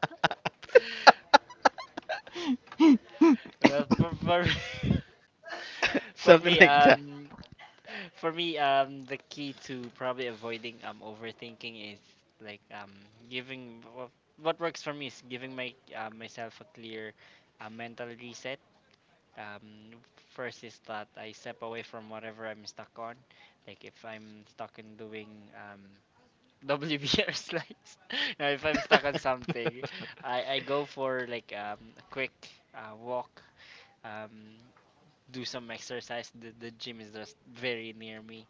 for me, for Something me, like that. For me, the key to probably avoiding overthinking is like giving wha- what works for me is giving my myself a clear mental reset. Um, First is that I step away from whatever I'm stuck on. Like if I'm stuck in doing um WBR slides, now if I'm stuck on something, I go for like a quick walk. Um, do some exercise. The gym is just very near me,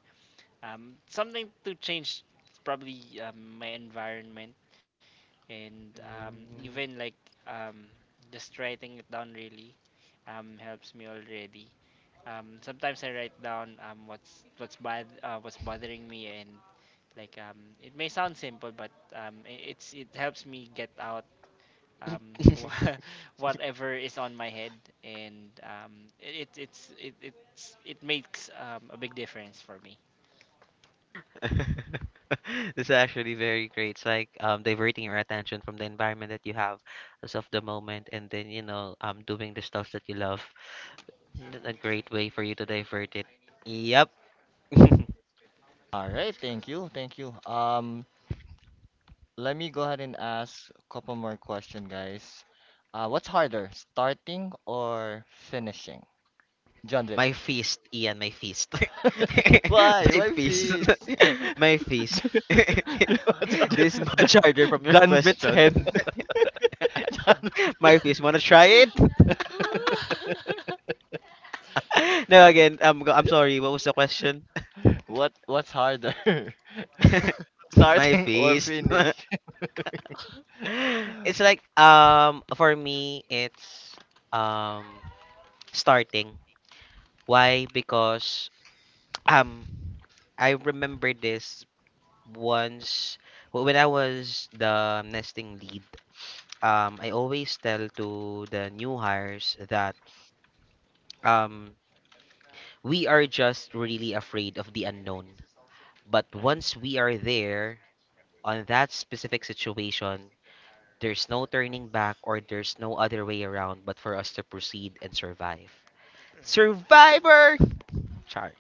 something to change is probably my environment, and even Mm. like um, just writing it down really helps me already. Sometimes I write down what's bothering me, and like it may sound simple, but it's it helps me get out um, wha- whatever is on my head, and it makes a big difference for me. This is actually very great. It's like, diverting your attention from the environment that you have as of the moment, and then, doing the stuff that you love. A great way for you to divert it. Yep. All right, thank you, thank you. Let me go ahead and ask a couple more question, guys. What's harder, starting or finishing? John Wick. My fist, Ian, my fist. Why? My Why fist. this? My fist. This is much harder from your Janvit's question. head. John, My fist. Wanna try it? No, again, I'm sorry. What was the question? what what's harder? My Starting or fist. finish. It's like, for me, it's, um, starting. Why? Because, um, I remember this once when I was the nesting lead. I always tell to the new hires that, um, we are just really afraid of the unknown. But Right, once we are there on that specific situation, there's no turning back or there's no other way around but for us to proceed and survive. Survivor! Char.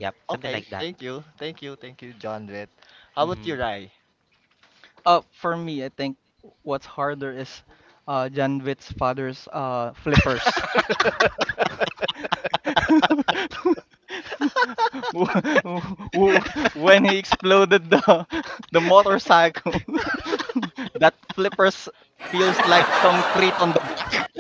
Yep, something Okay, like that. thank you. Thank you. Thank you, John Witt. How about hmm you, Rai? For me, I think what's harder is Janvit's father's flippers. right. Wh- wh- when he exploded the the motorcycle, that flippers feels like concrete on the back.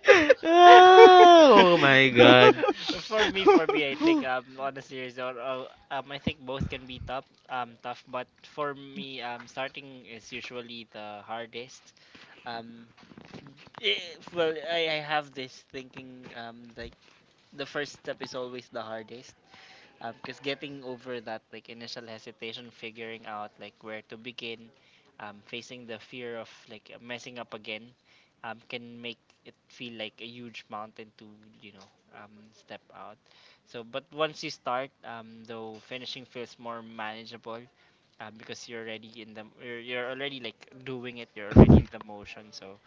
oh my god. For me, for me, I think Whew. On a serious note, I think both can be tough, tough. But for me, starting is usually the hardest. Um, eh, well, I have this thinking like the first step is always the hardest. Because getting over that like initial hesitation, figuring out like where to begin, facing the fear of like messing up again, can make it feel like a huge mountain to you know step out. So, but once you start, though finishing feels more manageable, because you're already in the you're already like doing it. You're already in the motion. So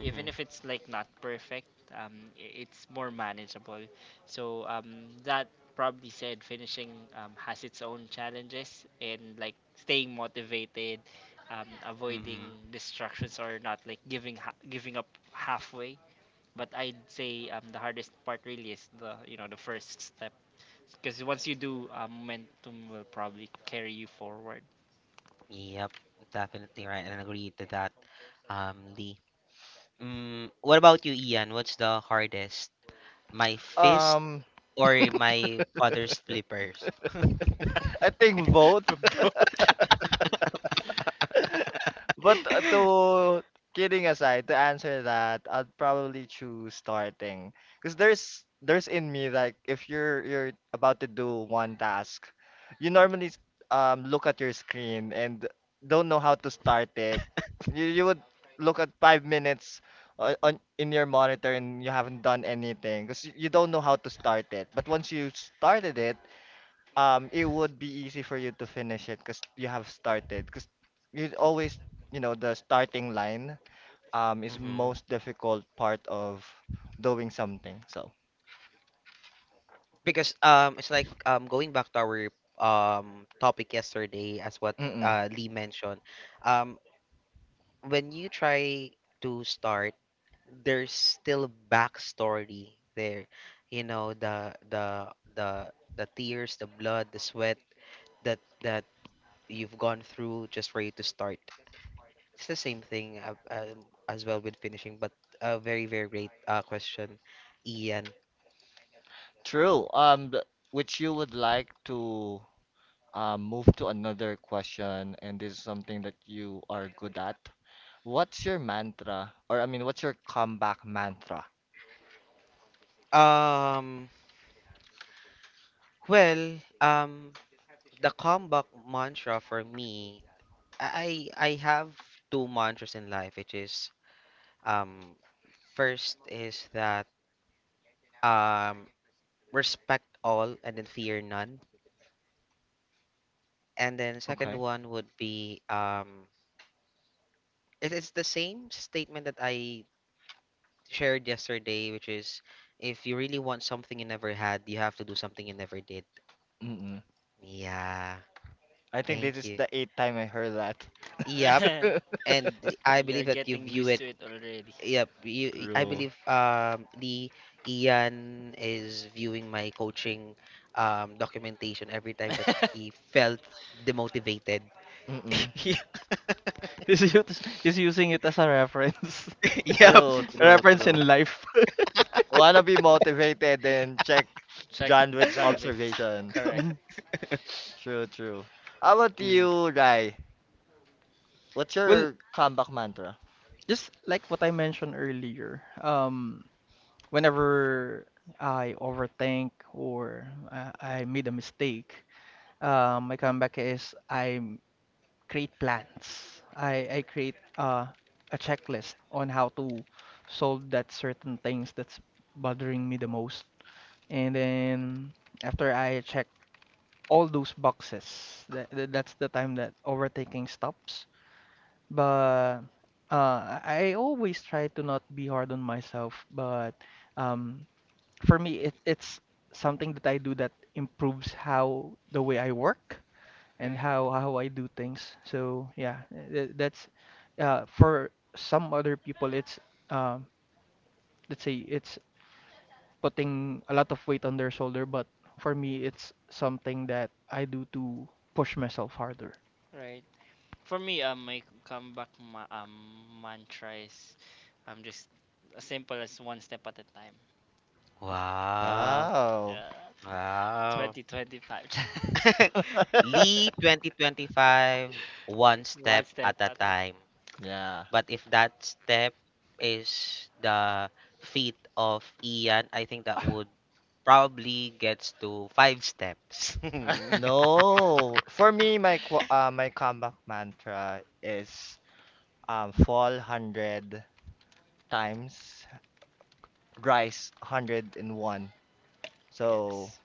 even if it's like not perfect, it's more manageable. Um, that probably said finishing, has its own challenges, and like staying motivated, avoiding Mm-hmm. distractions or not like giving up halfway. But I'd say the hardest part really is the you know the first step, because once you do momentum will probably carry you forward. Yep, definitely right, and I agree to that, Lee. Mm, what about you, Ian? What's the hardest? My fist Um, or my father's flippers? I think both. But to kidding aside, to answer that, I'd probably choose starting because there's in me like if you're about to do one task, you normally look at your screen and don't know how to start it. You would look at 5 minutes on in your monitor and you haven't done anything because you don't know how to start it. But once you started it, it would be easy for you to finish it because you have started because you always you know the starting line is Hmm. most difficult part of doing something. So Because it's like, going back to our topic yesterday, as what mm-mm, Lee mentioned, um, when you try to start, there's still backstory there. You know, the tears, the blood, the sweat that you've gone through just for you to start. It's the same thing as well with finishing, but a very, very great question, Ian. true, which you would like to move to another question, and this is something that you are good at. What's your mantra? Or I mean What's your comeback mantra? Um, well, um, the comeback mantra for me, I have two mantras in life, which is, um, first is that, um, respect all and then fear none, and then second Okay. one would be, it's the same statement that I shared yesterday, which is if you really want something you never had, you have to do something you never did. Mm-mm. Yeah. I think this Thank is you. the eighth time I heard that. Yep. And I You're believe that you getting view used it. to it already. Yep. I True. believe Lee Ian is viewing my coaching documentation every time that he felt demotivated. Mm-mm. He's using it as a reference, Yep. True, true, reference true. in life. Wanna be motivated then check Check John Wick's genres. observation. Correct. Mhm. True, true. How about Mm. you, Rai? What's Well, your comeback mantra? just like what I mentioned earlier, whenever I overthink or I made a mistake, my comeback is I create plans. I create a checklist on how to solve that certain things that's bothering me the most. And then after I check all those boxes, that's the time that overthinking stops. But I always try to not be hard on myself. But um, for me, it's something that I do that improves how the way I work and Right, how I do things. So yeah, that's for some other people it's um let's say it's putting a lot of weight on their shoulder, but for me it's something that I do to push myself harder. right. For me, my mantra is just as simple as one step at a time. Wow. Wow. Yeah, Wow. 2025. Lee 2025, one One step step at a at time. Yeah. But if that step is the feet of Ian, I think that would probably gets to five steps. a time. No. For me, my comeback mantra is fall 100 times, rise 101. So Yes,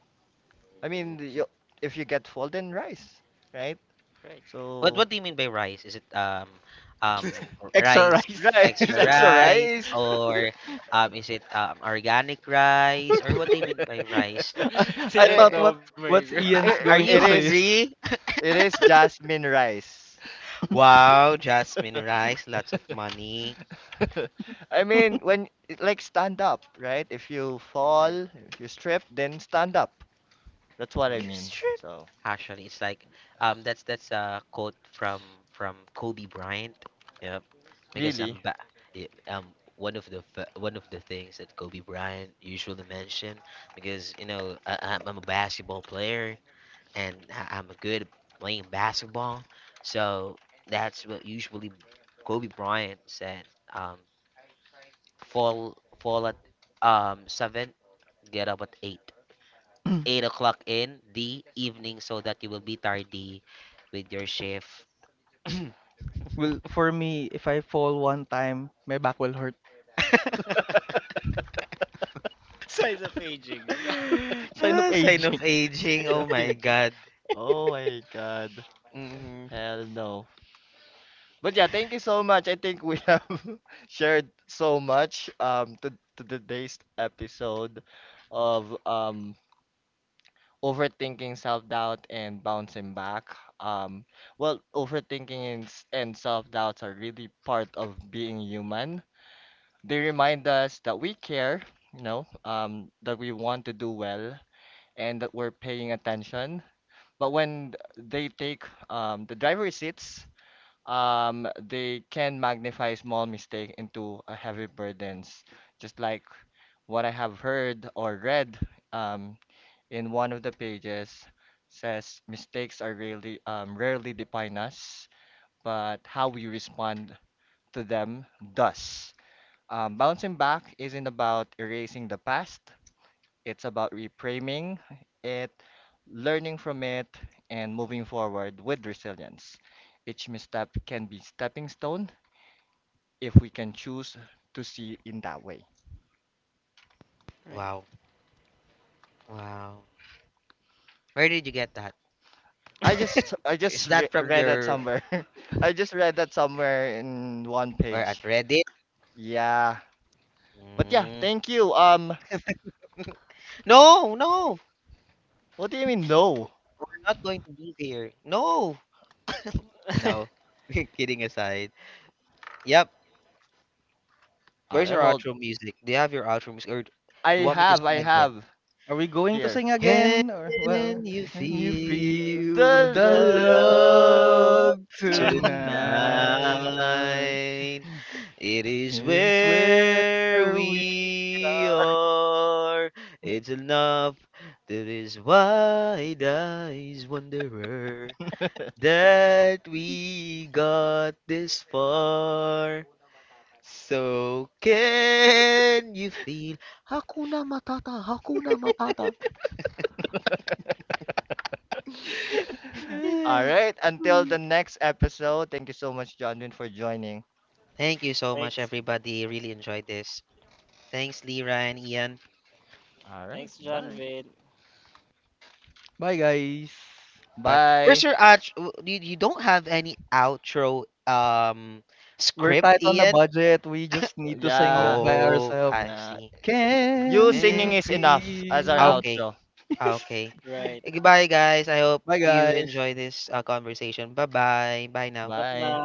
I mean, you, if you get fall, then rise, right? right. what So what do you mean by rice? Is it, Extra rice, rice. rice, extra extra rice, rice. or is it organic rice, or what do you mean by rice? I, I thought what It, Sinandomer. what's Are Ian's it, you going to it say is is hungry? it is jasmine rice. Wow, Jasmine rice, lots of money. I mean, when it- like stand up, right? If you Right. fall, if you strip, then stand up. That's what I Mm. You mean. strip So Actually, it's like, that's a quote from Kobe Bryant. Yep. Because really, yeah, one of the things that Kobe Bryant usually mentioned, because, you know, I'm a basketball player, and I'm good at playing basketball. So that's what usually Kobe Bryant said: um fall at 7, get up at 8, eight o'clock in the evening, so that you will be tardy with your shift. well for me if I fall one time my back will hurt. Signs of aging. Sign of Ah, sign aging. of I aging. Oh love my you, G. God. Oh my god, Hmm. hell no. But yeah, thank you so much. I think we have shared so much to today's episode of overthinking, self-doubt, and bouncing back. Um, well, overthinking and, self-doubts are really part of being human. They remind us that we care, you know, that we want to do well, and that we're paying attention. But when they take the driver's seats, they can magnify small mistake into a heavy burdens, just like what I have heard or read. Um, in one of the pages says mistakes are rarely rarely define us, but how we respond to them does. Bouncing back isn't about erasing the past. It's about reframing it, learning from it, and moving forward with resilience. Each misstep can be stepping stone if we can choose to see in that way. Wow. Wow. Where did you get that? I Is just that from read that your somewhere. I just read that somewhere in one or at page. Reddit? Yeah. But yeah, Mm. thank you. No, no. What do you mean no? We're not going to be here. No. Right. No. Kidding aside. Yep. Where's your Alright, well, outro music? Do you have your outro music, or do you want me to sing I again? have Are we going to here. sing Can again? Or well, you can you feel feel the The the love love love tonight. tonight tonight? It is is where where we we are. are. It's enough. That is wide eyes wanderer that we got this far. So can you feel Hakuna Matata, Hakuna Matata? Alright, until the next episode. Thank you so much, Jonwin, for joining. Thank you so much, Thanks, everybody. Really enjoyed this. Thanks, Lira and Ian. thanks, Alright, John bye. Vin. Bye guys. Bye. Where's Bye. your out? You don't have any outro We're script, tight on the Ian? budget. We just need to sing Yeah, by Oh, ourselves. I yeah. see. Mm. You Can you singing And is enough as our ah, feel? okay. outro. Ah, okay. Right. Goodbye, guys. I hope Bye you guys. enjoy this conversation. Bye bye. Bye now. Drop na. Bye.